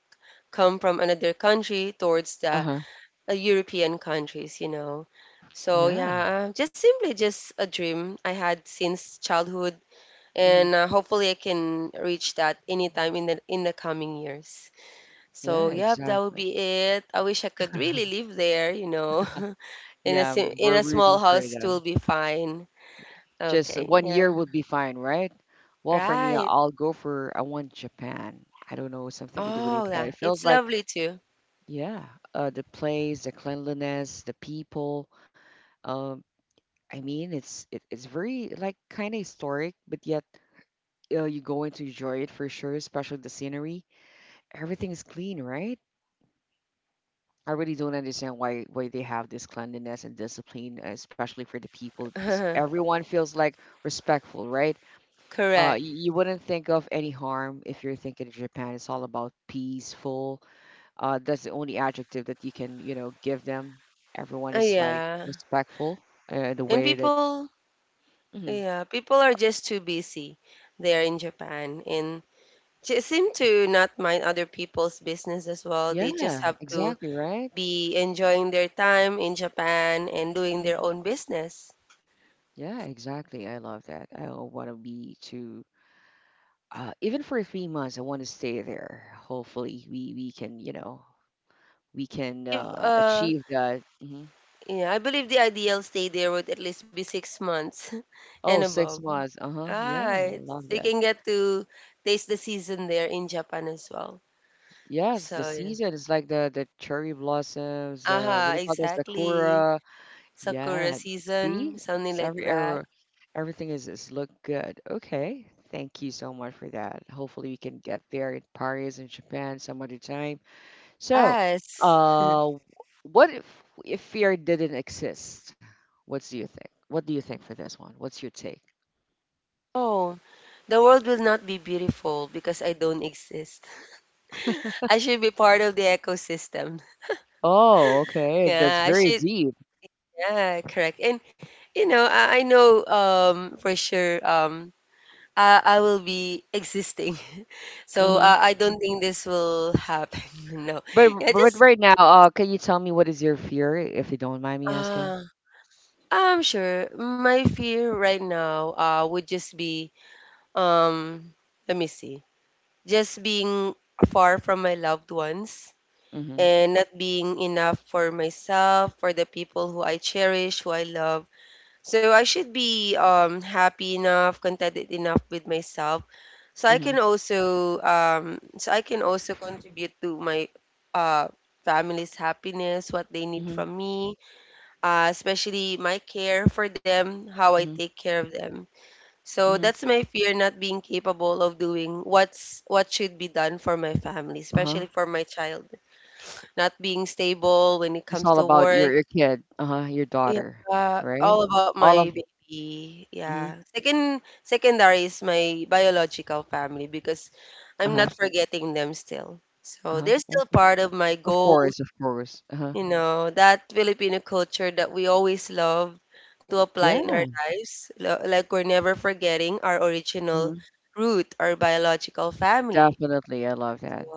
[SPEAKER 2] come from another country towards the
[SPEAKER 1] Uh-huh.
[SPEAKER 2] European countries, you know. So
[SPEAKER 1] Yeah.
[SPEAKER 2] yeah, just simply just a dream I had since childhood,
[SPEAKER 1] Hmm.
[SPEAKER 2] and hopefully I can reach that anytime in the coming years. So
[SPEAKER 1] Yeah,
[SPEAKER 2] yep, that would
[SPEAKER 1] exactly.
[SPEAKER 2] be it. I wish I could really live there, you know. In a
[SPEAKER 1] Yeah, we're
[SPEAKER 2] in a
[SPEAKER 1] rooting
[SPEAKER 2] small
[SPEAKER 1] for
[SPEAKER 2] house will
[SPEAKER 1] them.
[SPEAKER 2] be fine.
[SPEAKER 1] Just
[SPEAKER 2] Okay,
[SPEAKER 1] one
[SPEAKER 2] yeah.
[SPEAKER 1] year would be fine, right? Well, for me,
[SPEAKER 2] Right.
[SPEAKER 1] I'll go for I want Japan. I don't know, something to do with
[SPEAKER 2] Oh,
[SPEAKER 1] Japan.
[SPEAKER 2] yeah.
[SPEAKER 1] It
[SPEAKER 2] It's
[SPEAKER 1] feels like,
[SPEAKER 2] lovely too.
[SPEAKER 1] yeah, the place, the cleanliness, the people. Um, I mean, it's very like kind of historic, but yet you're going to enjoy it for sure. Especially the scenery. Everything is clean, right? I really don't understand why they have this cleanliness and discipline, especially for the people. Everyone feels like respectful, right?
[SPEAKER 2] Correct.
[SPEAKER 1] You you wouldn't think of any harm if you're thinking of Japan. It's all about peaceful. That's the only adjective that you can, you know, give them. Everyone is like
[SPEAKER 2] Yeah.
[SPEAKER 1] respectful, the
[SPEAKER 2] And
[SPEAKER 1] way that.
[SPEAKER 2] people,
[SPEAKER 1] Mhm.
[SPEAKER 2] yeah, people are just too busy there in Japan, and they seem to not mind other people's business as well. They just
[SPEAKER 1] Yeah,
[SPEAKER 2] have to
[SPEAKER 1] exactly, right?
[SPEAKER 2] be enjoying their time in Japan and doing their
[SPEAKER 1] Mhm.
[SPEAKER 2] own business.
[SPEAKER 1] Yeah, exactly. I love that. I want to be to even for 3 months, I want to stay there. Hopefully, we can, we can
[SPEAKER 2] If,
[SPEAKER 1] achieve that. Hmm.
[SPEAKER 2] Yeah, I believe the ideal stay there would at least be 6 months and
[SPEAKER 1] Oh,
[SPEAKER 2] above.
[SPEAKER 1] 6 months. Uh-huh. Yeah, I
[SPEAKER 2] Ah,
[SPEAKER 1] love
[SPEAKER 2] so you
[SPEAKER 1] that.
[SPEAKER 2] can get to taste the season there in Japan as well.
[SPEAKER 1] Yes, the
[SPEAKER 2] So, yeah.
[SPEAKER 1] season is like the cherry blossoms, what do
[SPEAKER 2] Aha,
[SPEAKER 1] you call those?
[SPEAKER 2] exactly.
[SPEAKER 1] Sakura. Yeah,
[SPEAKER 2] Sakura
[SPEAKER 1] see?
[SPEAKER 2] season, something
[SPEAKER 1] It's
[SPEAKER 2] like
[SPEAKER 1] every
[SPEAKER 2] that.
[SPEAKER 1] era, everything is look good. Okay, thank you so much for that. Hopefully we can get there in Paris and Japan some other time. So,
[SPEAKER 2] Yes.
[SPEAKER 1] uh, what if fear didn't exist? What do you think? What do you think for this one? What's your take?
[SPEAKER 2] Oh, the world will not be beautiful because I don't exist. I should be part of the ecosystem.
[SPEAKER 1] Oh, okay, that's
[SPEAKER 2] Yeah, I
[SPEAKER 1] very
[SPEAKER 2] should.
[SPEAKER 1] deep.
[SPEAKER 2] Yeah, correct. And you know, I know for sure I will be existing. So
[SPEAKER 1] Hmm.
[SPEAKER 2] I don't think this will happen. No.
[SPEAKER 1] But
[SPEAKER 2] Yeah,
[SPEAKER 1] but
[SPEAKER 2] just
[SPEAKER 1] right now, can you tell me what is your fear, if you don't mind me asking?
[SPEAKER 2] uh I'm sure my fear right now would just be um let me see. Just being far from my loved ones
[SPEAKER 1] Mm-hmm.
[SPEAKER 2] and not being enough for myself, for the people who I cherish, who I love. So I should be happy enough, contented enough with myself. So I
[SPEAKER 1] Mm-hmm.
[SPEAKER 2] can also so I can also contribute to my uh, family's happiness, what they need
[SPEAKER 1] Mm-hmm.
[SPEAKER 2] from me, especially my care for them, how I
[SPEAKER 1] Mm-hmm.
[SPEAKER 2] take care of them. So
[SPEAKER 1] Mm-hmm.
[SPEAKER 2] that's my fear, not being capable of doing what should be done for my family,
[SPEAKER 1] Uh-huh.
[SPEAKER 2] especially for my child, not being stable when it
[SPEAKER 1] It's
[SPEAKER 2] comes
[SPEAKER 1] all
[SPEAKER 2] to
[SPEAKER 1] about your
[SPEAKER 2] work.
[SPEAKER 1] your kid, uh-huh, your daughter,
[SPEAKER 2] Yeah,
[SPEAKER 1] right?
[SPEAKER 2] all about
[SPEAKER 1] All of
[SPEAKER 2] my baby.
[SPEAKER 1] mm-hmm.
[SPEAKER 2] Yeah. Second, secondary is my biological family, because I'm
[SPEAKER 1] Uh-huh.
[SPEAKER 2] not forgetting them still. So
[SPEAKER 1] Uh-huh.
[SPEAKER 2] they're still
[SPEAKER 1] Okay.
[SPEAKER 2] part of my
[SPEAKER 1] Of
[SPEAKER 2] goals,
[SPEAKER 1] course, of course. Uh-huh.
[SPEAKER 2] you know, that Filipino culture that we always love to apply in
[SPEAKER 1] Yeah.
[SPEAKER 2] our lives. Like we're never forgetting our original
[SPEAKER 1] Mm-hmm.
[SPEAKER 2] root, our biological family.
[SPEAKER 1] Definitely. I love
[SPEAKER 2] So,
[SPEAKER 1] that.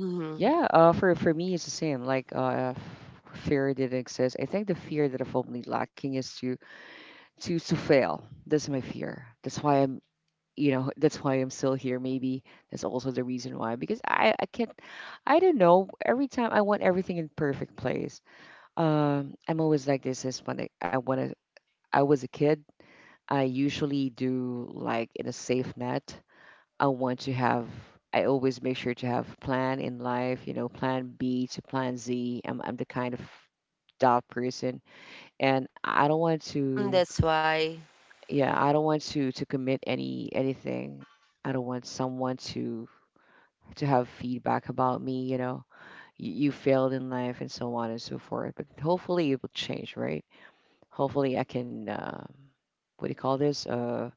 [SPEAKER 2] mhm.
[SPEAKER 1] Yeah, for me it's the same. Like fear didn't exist. I think the fear that I'm only lacking is to fail. That's my fear. That's why I'm still here, maybe. That's also the reason why, because I can't. I don't know, every time I want everything in perfect place. I'm always like this is when I want to I was a kid. I usually do like in a safe net. i want to have I always make sure to have plan in life, you know, plan B to plan Z. I'm the kind of dot person, and I don't want to,
[SPEAKER 2] That's why.
[SPEAKER 1] yeah, I don't want to commit anything. I don't want someone to have feedback about me, you know, you failed in life and so on and so forth. But hopefully it will change, right? Hopefully I can, what do you call this?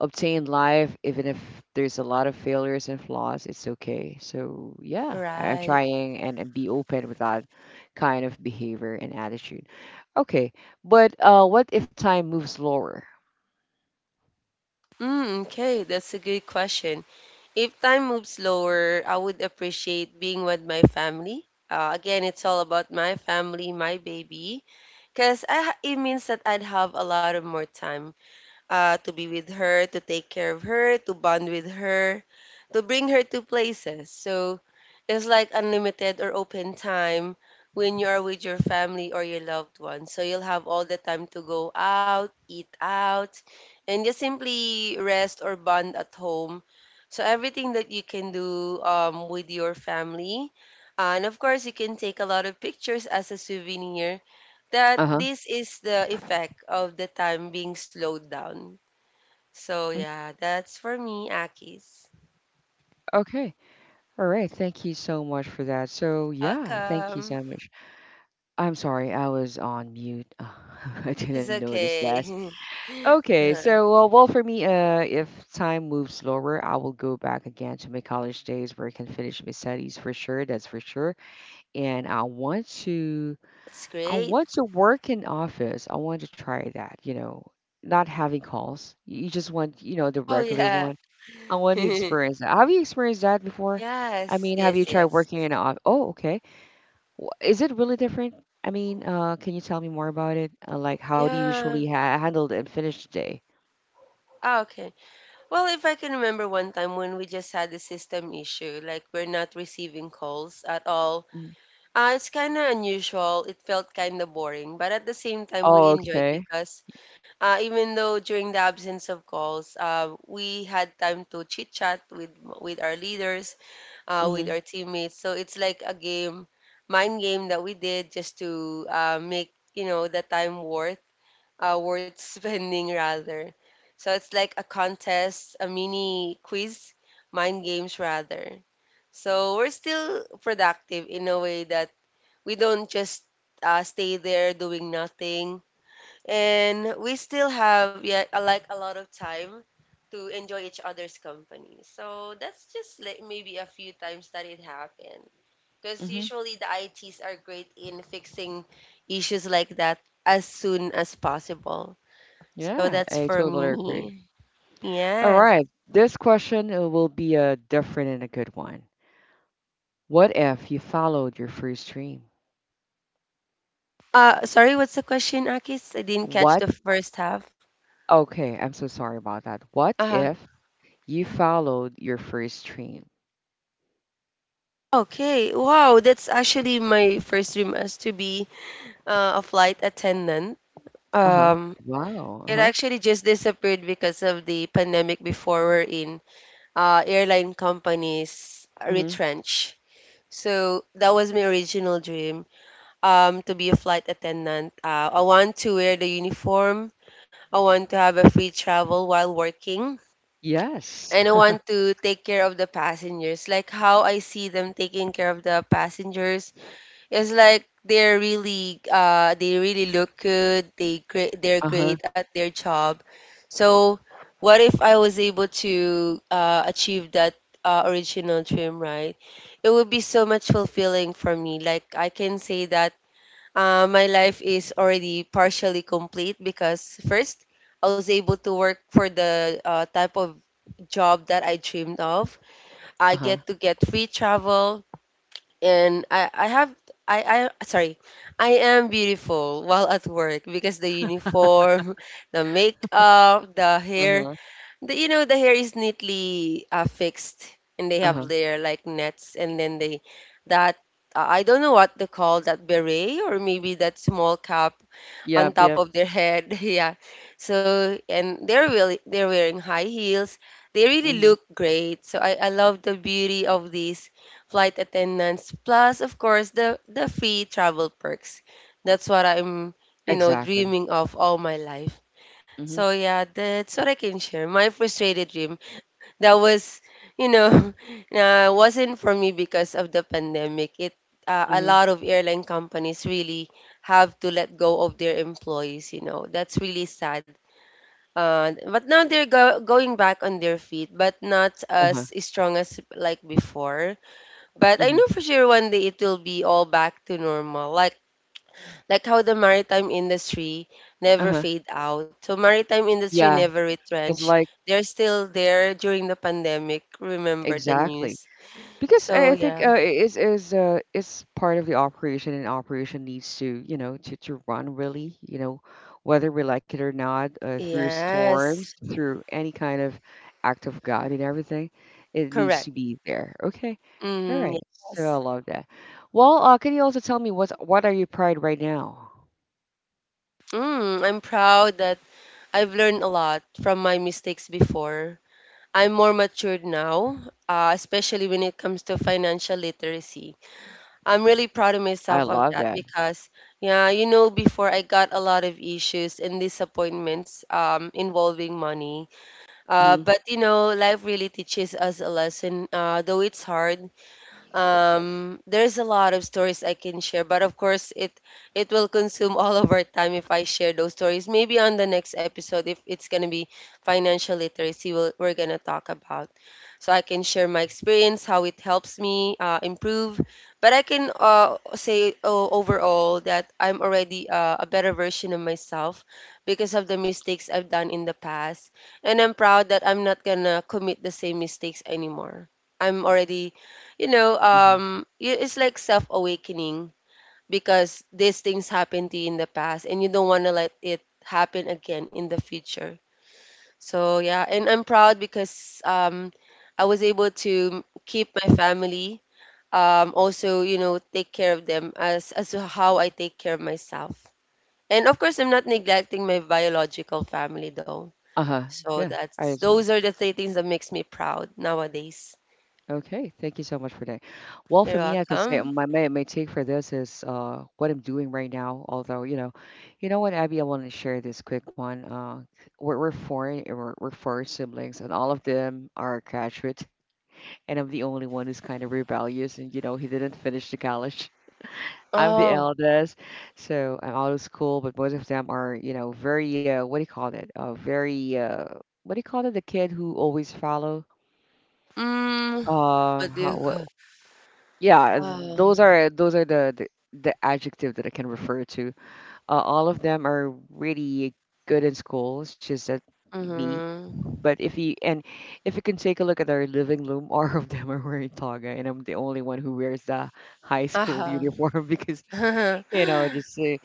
[SPEAKER 1] Obtain life, even if there's a lot of failures and flaws, it's okay. So yeah, I'm
[SPEAKER 2] Right.
[SPEAKER 1] trying and be open with that kind of behavior and attitude. Okay, but what if time moves slower?
[SPEAKER 2] Mm, okay, that's a good question. If time moves slower, I would appreciate being with my family. Again, it's all about my family, my baby, because it means that I'd have a lot of more time to be with her, to take care of her, to bond with her, to bring her to places. So it's like unlimited or open time when you are with your family or your loved ones. So you'll have all the time to go out, eat out, and just simply rest or bond at home. So everything that you can do with your family. And of course, you can take a lot of pictures as a souvenir that
[SPEAKER 1] Uh huh.
[SPEAKER 2] this is the effect of the time being slowed down so yeah, that's for me, Akis.
[SPEAKER 1] Okay. All right. Thank you so much for that. So, yeah, thank you
[SPEAKER 2] Welcome.
[SPEAKER 1] so much. I'm sorry, I was on mute. I
[SPEAKER 2] It's
[SPEAKER 1] didn't notice that.
[SPEAKER 2] okay.
[SPEAKER 1] Okay,
[SPEAKER 2] Uh,
[SPEAKER 1] so well, for me, if time moves slower, I will go back again to my college days where I can finish my studies for sure. That's for sure. And
[SPEAKER 2] That's
[SPEAKER 1] I
[SPEAKER 2] great.
[SPEAKER 1] want to work in office. I want to try that. You know, not having calls. You just want, you know, the
[SPEAKER 2] Oh
[SPEAKER 1] regular
[SPEAKER 2] yeah.
[SPEAKER 1] one. I want to experience that. Have you experienced that before? I
[SPEAKER 2] Yes,
[SPEAKER 1] mean, have you
[SPEAKER 2] yes,
[SPEAKER 1] tried
[SPEAKER 2] yes.
[SPEAKER 1] working in an office? Oh, okay. Is it really different? I mean, can you tell me more about it? Like, how do you
[SPEAKER 2] Yeah.
[SPEAKER 1] usually ha handle and finish the day?
[SPEAKER 2] Okay. Well, if I can remember one time when we just had a system issue, like we're not receiving calls at all.
[SPEAKER 1] Mm.
[SPEAKER 2] It's kind of unusual. It felt kind of boring, but at the same time, we
[SPEAKER 1] Oh,
[SPEAKER 2] enjoyed
[SPEAKER 1] okay.
[SPEAKER 2] because even though during the absence of calls, we had time to chit chat with our leaders, with
[SPEAKER 1] Mm-hmm.
[SPEAKER 2] our teammates. So it's like a game, mind game that we did just to make the time worth worth spending rather. So it's like a contest, a mini quiz, mind games rather. So we're still productive in a way that we don't just stay there doing nothing and we still have yet like a lot of time to enjoy each other's company. So that's just like maybe a few times that it happened. Because
[SPEAKER 1] Mm-hmm.
[SPEAKER 2] usually the ITs are great in fixing issues like that as soon as possible. So
[SPEAKER 1] Yeah,
[SPEAKER 2] that's
[SPEAKER 1] I
[SPEAKER 2] for
[SPEAKER 1] totally agree.
[SPEAKER 2] me.
[SPEAKER 1] All
[SPEAKER 2] Yes.
[SPEAKER 1] right. This question will be a different and a good one. What if you followed your first dream?
[SPEAKER 2] Sorry, what's the question, Akis? I didn't catch
[SPEAKER 1] What?
[SPEAKER 2] the first half.
[SPEAKER 1] Okay, I'm so sorry about that. What
[SPEAKER 2] Uh-huh.
[SPEAKER 1] if you followed your first dream?
[SPEAKER 2] Okay. Wow, that's actually my first dream as to be a flight attendant.
[SPEAKER 1] Uh-huh.
[SPEAKER 2] Um,
[SPEAKER 1] Wow.
[SPEAKER 2] It
[SPEAKER 1] Uh-huh.
[SPEAKER 2] actually just disappeared because of the pandemic before we're in airline companies
[SPEAKER 1] Mm-hmm.
[SPEAKER 2] retrench. So that was my original dream to be a flight attendant. I want to wear the uniform. I want to have a free travel while working.
[SPEAKER 1] Yes.
[SPEAKER 2] And I want to take care of the passengers, like how I see them taking care of the passengers it's like they're really they really look good. They great they're
[SPEAKER 1] Uh-huh.
[SPEAKER 2] great at their job. So what if I was able to achieve that original dream, right? It would be so much fulfilling for me. Like I can say that my life is already partially complete because first I was able to work for the type of job that I dreamed of. I
[SPEAKER 1] Uh-huh.
[SPEAKER 2] get to get free travel and I have I, sorry I am beautiful while at work because the uniform, the makeup, the hair,
[SPEAKER 1] Uh-huh.
[SPEAKER 2] the the hair is neatly fixed and they
[SPEAKER 1] Uh-huh.
[SPEAKER 2] have their like nets and then they that I don't know what to call that beret or maybe that small cap on
[SPEAKER 1] Yep,
[SPEAKER 2] top
[SPEAKER 1] yep.
[SPEAKER 2] of their head. Yeah. So and they're wearing high heels. They really
[SPEAKER 1] Mm-hmm.
[SPEAKER 2] look great. So I love the beauty of these flight attendants. Plus, of course, the free travel perks. That's what I'm,
[SPEAKER 1] Exactly.
[SPEAKER 2] dreaming of all my life.
[SPEAKER 1] Mhm.
[SPEAKER 2] So yeah, that's what I can share. My frustrated dream that was you know wasn't for me because of the pandemic it a
[SPEAKER 1] Mhm.
[SPEAKER 2] lot of airline companies really have to let go of their employees that's really sad but now they're going back on their feet but not
[SPEAKER 1] Uh-huh.
[SPEAKER 2] as strong as like before but I
[SPEAKER 1] Mhm.
[SPEAKER 2] know for sure one day it will be all back to normal like how the maritime industry never
[SPEAKER 1] Uh-huh.
[SPEAKER 2] fade out. So maritime industry
[SPEAKER 1] Yeah,
[SPEAKER 2] never
[SPEAKER 1] it's
[SPEAKER 2] retrench.
[SPEAKER 1] like
[SPEAKER 2] They're still there during the pandemic. Remember the
[SPEAKER 1] exactly.
[SPEAKER 2] news.
[SPEAKER 1] Because I
[SPEAKER 2] So
[SPEAKER 1] I think
[SPEAKER 2] yeah.
[SPEAKER 1] it is it's part of the operation, and operation needs to, you know, to run really, you know, whether we like it or not, through
[SPEAKER 2] Yes.
[SPEAKER 1] storms, through any kind of act of God and everything, it needs
[SPEAKER 2] Correct.
[SPEAKER 1] to be there. Okay. All
[SPEAKER 2] Mm,
[SPEAKER 1] right. So I
[SPEAKER 2] yes.
[SPEAKER 1] love that. Well, can you also tell me what are you pride right now?
[SPEAKER 2] Mm, I'm proud that I've learned a lot from my mistakes before. I'm more matured now, especially when it comes to financial literacy. I'm really proud of
[SPEAKER 1] I
[SPEAKER 2] myself of
[SPEAKER 1] love
[SPEAKER 2] that
[SPEAKER 1] that.
[SPEAKER 2] because, yeah, you know, before I got a lot of issues and disappointments involving money.
[SPEAKER 1] Hmm.
[SPEAKER 2] But, you know, life really teaches us a lesson. Though it's hard, there's a lot of stories I can share, but of course it will consume all of our time if I share those stories. Maybe on the next episode, if it's gonna be financial literacy, we're gonna talk about. So I can share my experience, how it helps me improve. But I can say oh, overall that I'm already a better version of myself because of the mistakes I've done in the past, and I'm proud that I'm not gonna commit the same mistakes anymore. I'm already it's like self awakening because these things happened to you in the past and you don't want to let it happen again in the future. So, yeah, and I'm proud because I was able to keep my family, also, you know, take care of them as to how I take care of myself. And of course, I'm not neglecting my biological family though.
[SPEAKER 1] Uh-huh.
[SPEAKER 2] So
[SPEAKER 1] Yeah.
[SPEAKER 2] that's
[SPEAKER 1] I so
[SPEAKER 2] those are the three things that makes me proud nowadays.
[SPEAKER 1] okay. Thank you so much for that. Well,
[SPEAKER 2] You're
[SPEAKER 1] for me, I can say
[SPEAKER 2] welcome.
[SPEAKER 1] my take for this is what I'm doing right now. Although you know what, Abby, I want to share this quick one. We're four siblings, and all of them are graduate, and I'm the only one who's kind of rebellious, and you know, he didn't finish the college. I'm the
[SPEAKER 2] Oh.
[SPEAKER 1] eldest, so I'm out of school, but both of them are, you know, very what do you call it? Very what do you call it? The kid who always follow.
[SPEAKER 2] Mm,
[SPEAKER 1] Uh,
[SPEAKER 2] what do
[SPEAKER 1] how,
[SPEAKER 2] you
[SPEAKER 1] what,
[SPEAKER 2] call?
[SPEAKER 1] yeah,
[SPEAKER 2] Um,
[SPEAKER 1] those are the the adjective that I can refer to. All of them are really good in school. It's just that me.
[SPEAKER 2] mhm.
[SPEAKER 1] But if you and if you can take a look at our living room, all of them are wearing toga, and I'm the only one who wears the high school
[SPEAKER 2] Uh-huh.
[SPEAKER 1] uniform because you know just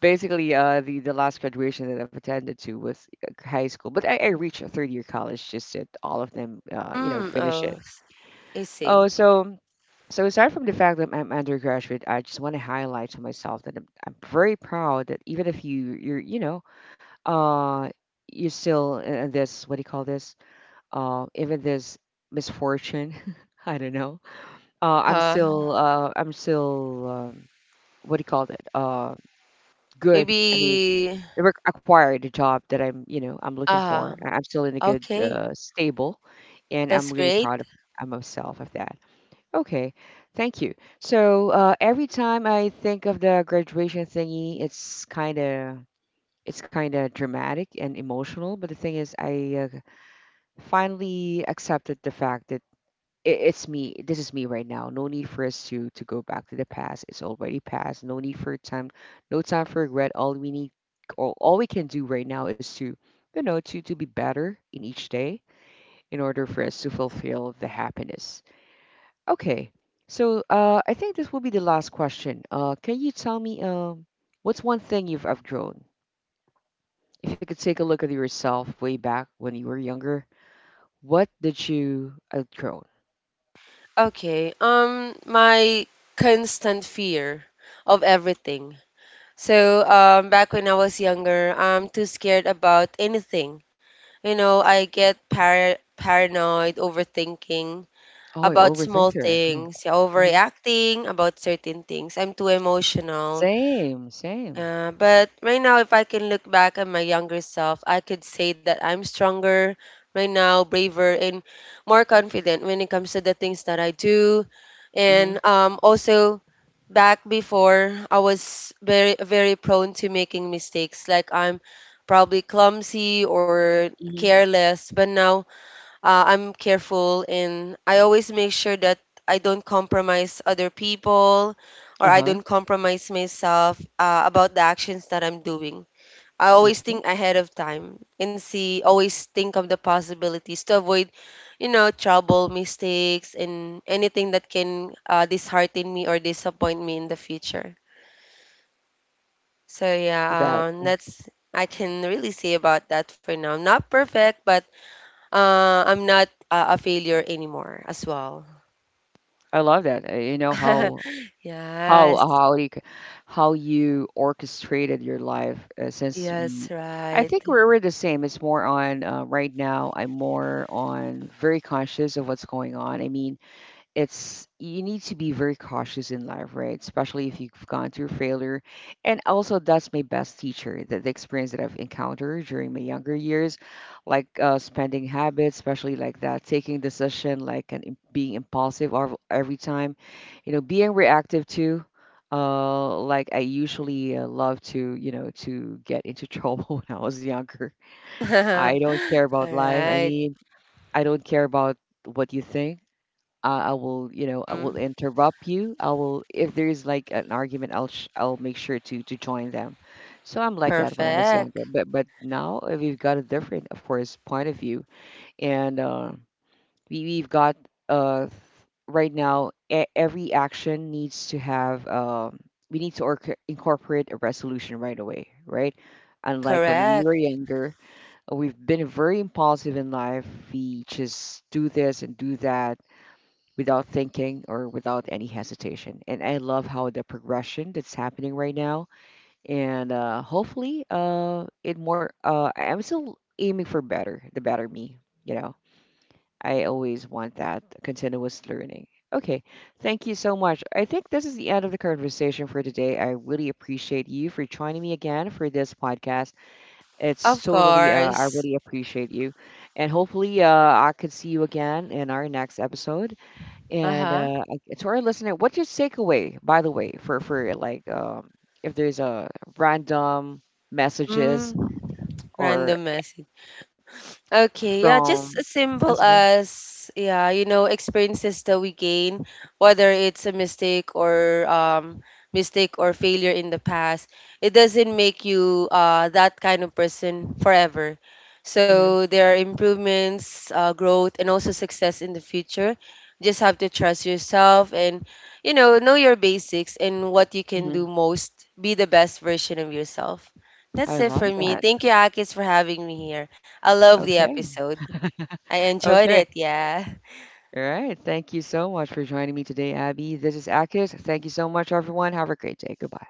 [SPEAKER 1] basically the last graduation that I've attended to was high school. But I reached a third year college, just that all of them
[SPEAKER 2] Mm,
[SPEAKER 1] finish
[SPEAKER 2] oh,
[SPEAKER 1] it.
[SPEAKER 2] I see.
[SPEAKER 1] Oh, so so aside from the fact that I'm undergraduate, I just want to highlight to myself that I'm very proud that even if you're uh you're still in this, what do you call this, even this misfortune, I don't know,
[SPEAKER 2] Uh,
[SPEAKER 1] I'm still what do you call it, good. I mean,
[SPEAKER 2] Maybe,
[SPEAKER 1] acquired the job that I'm you know I'm looking
[SPEAKER 2] uh,
[SPEAKER 1] for. I'm still in a good,
[SPEAKER 2] okay.
[SPEAKER 1] stable, and
[SPEAKER 2] That's
[SPEAKER 1] I'm really
[SPEAKER 2] great.
[SPEAKER 1] proud of myself of that. Okay, thank you. So, every time I think of the graduation thingy, it's kind of dramatic and emotional. But the thing is, I, finally accepted the fact that I it's me. This is me right now. No need for us to go back to the past. It's already past. No need for time. No time for regret. All we need, all we can do right now is to, you know, to be better in each day in order for us to fulfill the happiness. Okay. So, I think this will be the last question. Can you tell me, what's one thing you've outgrown? If you could take a look at yourself way back when you were younger, what did you outgrown?
[SPEAKER 2] Okay. My constant fear of everything. So, back when I was younger, I'm too scared about anything. You know, I get paranoid, overthinking
[SPEAKER 1] Oh, you're
[SPEAKER 2] about small
[SPEAKER 1] overthinker. Oh.
[SPEAKER 2] things, yeah,
[SPEAKER 1] Hmm.
[SPEAKER 2] overreacting about certain things. I'm too emotional.
[SPEAKER 1] Same, same.
[SPEAKER 2] But right now, if I can look back at my younger self, I could say that I'm stronger right now, braver, and more confident when it comes to the things that I do.
[SPEAKER 1] Mm-hmm.
[SPEAKER 2] And also, back before, I was very, very prone to making mistakes. Like I'm probably clumsy or
[SPEAKER 1] Mm-hmm.
[SPEAKER 2] careless, but now I'm careful and I always make sure that I don't compromise other people or I
[SPEAKER 1] Uh-huh.
[SPEAKER 2] don't compromise myself about the actions that I'm doing. I always
[SPEAKER 1] Okay.
[SPEAKER 2] think ahead of time and see, always think of the possibilities to avoid, you know, trouble, mistakes, and anything that can dishearten me or disappoint me in the future. So,
[SPEAKER 1] That
[SPEAKER 2] yeah, that's I can really say about that for now. Not perfect, but I'm not a failure anymore as well.
[SPEAKER 1] I love that. You know how how
[SPEAKER 2] yes,
[SPEAKER 1] how you, c- how you orchestrated your life, since
[SPEAKER 2] yes,
[SPEAKER 1] we, I think
[SPEAKER 2] right.
[SPEAKER 1] we're the same. It's more on, right now. I'm more on very conscious of what's going on. I mean, it's you need to be very cautious in life, right? Especially if you've gone through failure. And also, that's my best teacher. The experience that I've encountered during my younger years, like, spending habits, especially like that, taking decision, like, being impulsive or every time, you know, being reactive too. Like I usually, love to, you know, to get into trouble when I was younger. I don't
[SPEAKER 2] All
[SPEAKER 1] care about life. I
[SPEAKER 2] right.
[SPEAKER 1] mean, I don't care about what you think. I will, you know, I will
[SPEAKER 2] Mm,
[SPEAKER 1] interrupt you. I will, if there is like an argument, I'll make sure to join them. So I'm like that when I was
[SPEAKER 2] perfect.
[SPEAKER 1] younger, but now, we've got a different, of course, point of view, and, we we've got, uh right now, every action needs to have, we need to incorporate a resolution right away, right? Unlike when we were
[SPEAKER 2] Correct.
[SPEAKER 1] younger, we've been very impulsive in life. We just do this and do that without thinking or without any hesitation. And I love how the progression that's happening right now. And, hopefully, it more. I'm still aiming for better, the better me. You know, I always want that continuous learning. Okay, thank you so much. I think this is the end of the conversation for today. I really appreciate you for joining me again for this podcast. It's
[SPEAKER 2] Of
[SPEAKER 1] totally, I
[SPEAKER 2] course.
[SPEAKER 1] really appreciate you. And hopefully, I could see you again in our next episode.
[SPEAKER 2] Uh
[SPEAKER 1] And,
[SPEAKER 2] huh.
[SPEAKER 1] to our listener, what's your takeaway, by the way, for like, if there's a random messages
[SPEAKER 2] Mm,
[SPEAKER 1] or
[SPEAKER 2] random message. Okay, yeah, just
[SPEAKER 1] from
[SPEAKER 2] as simple
[SPEAKER 1] listener?
[SPEAKER 2] as yeah, you know, experiences that we gain, whether it's a mistake or failure in the past, it doesn't make you that kind of person forever.
[SPEAKER 1] Hmm.
[SPEAKER 2] So there are improvements, growth, and also success in the future. Just have to trust yourself and know your basics and what you can do
[SPEAKER 1] Hmm.
[SPEAKER 2] most. Be the best version of yourself. That's
[SPEAKER 1] I
[SPEAKER 2] it for
[SPEAKER 1] love
[SPEAKER 2] me.
[SPEAKER 1] that.
[SPEAKER 2] Thank you, Akis, for having me here. I love the
[SPEAKER 1] Okay.
[SPEAKER 2] episode. I enjoyed
[SPEAKER 1] Okay.
[SPEAKER 2] it, yeah.
[SPEAKER 1] All right. Thank you so much for joining me today, Abby. This is Akis. Thank you so much, everyone. Have a great day. Goodbye.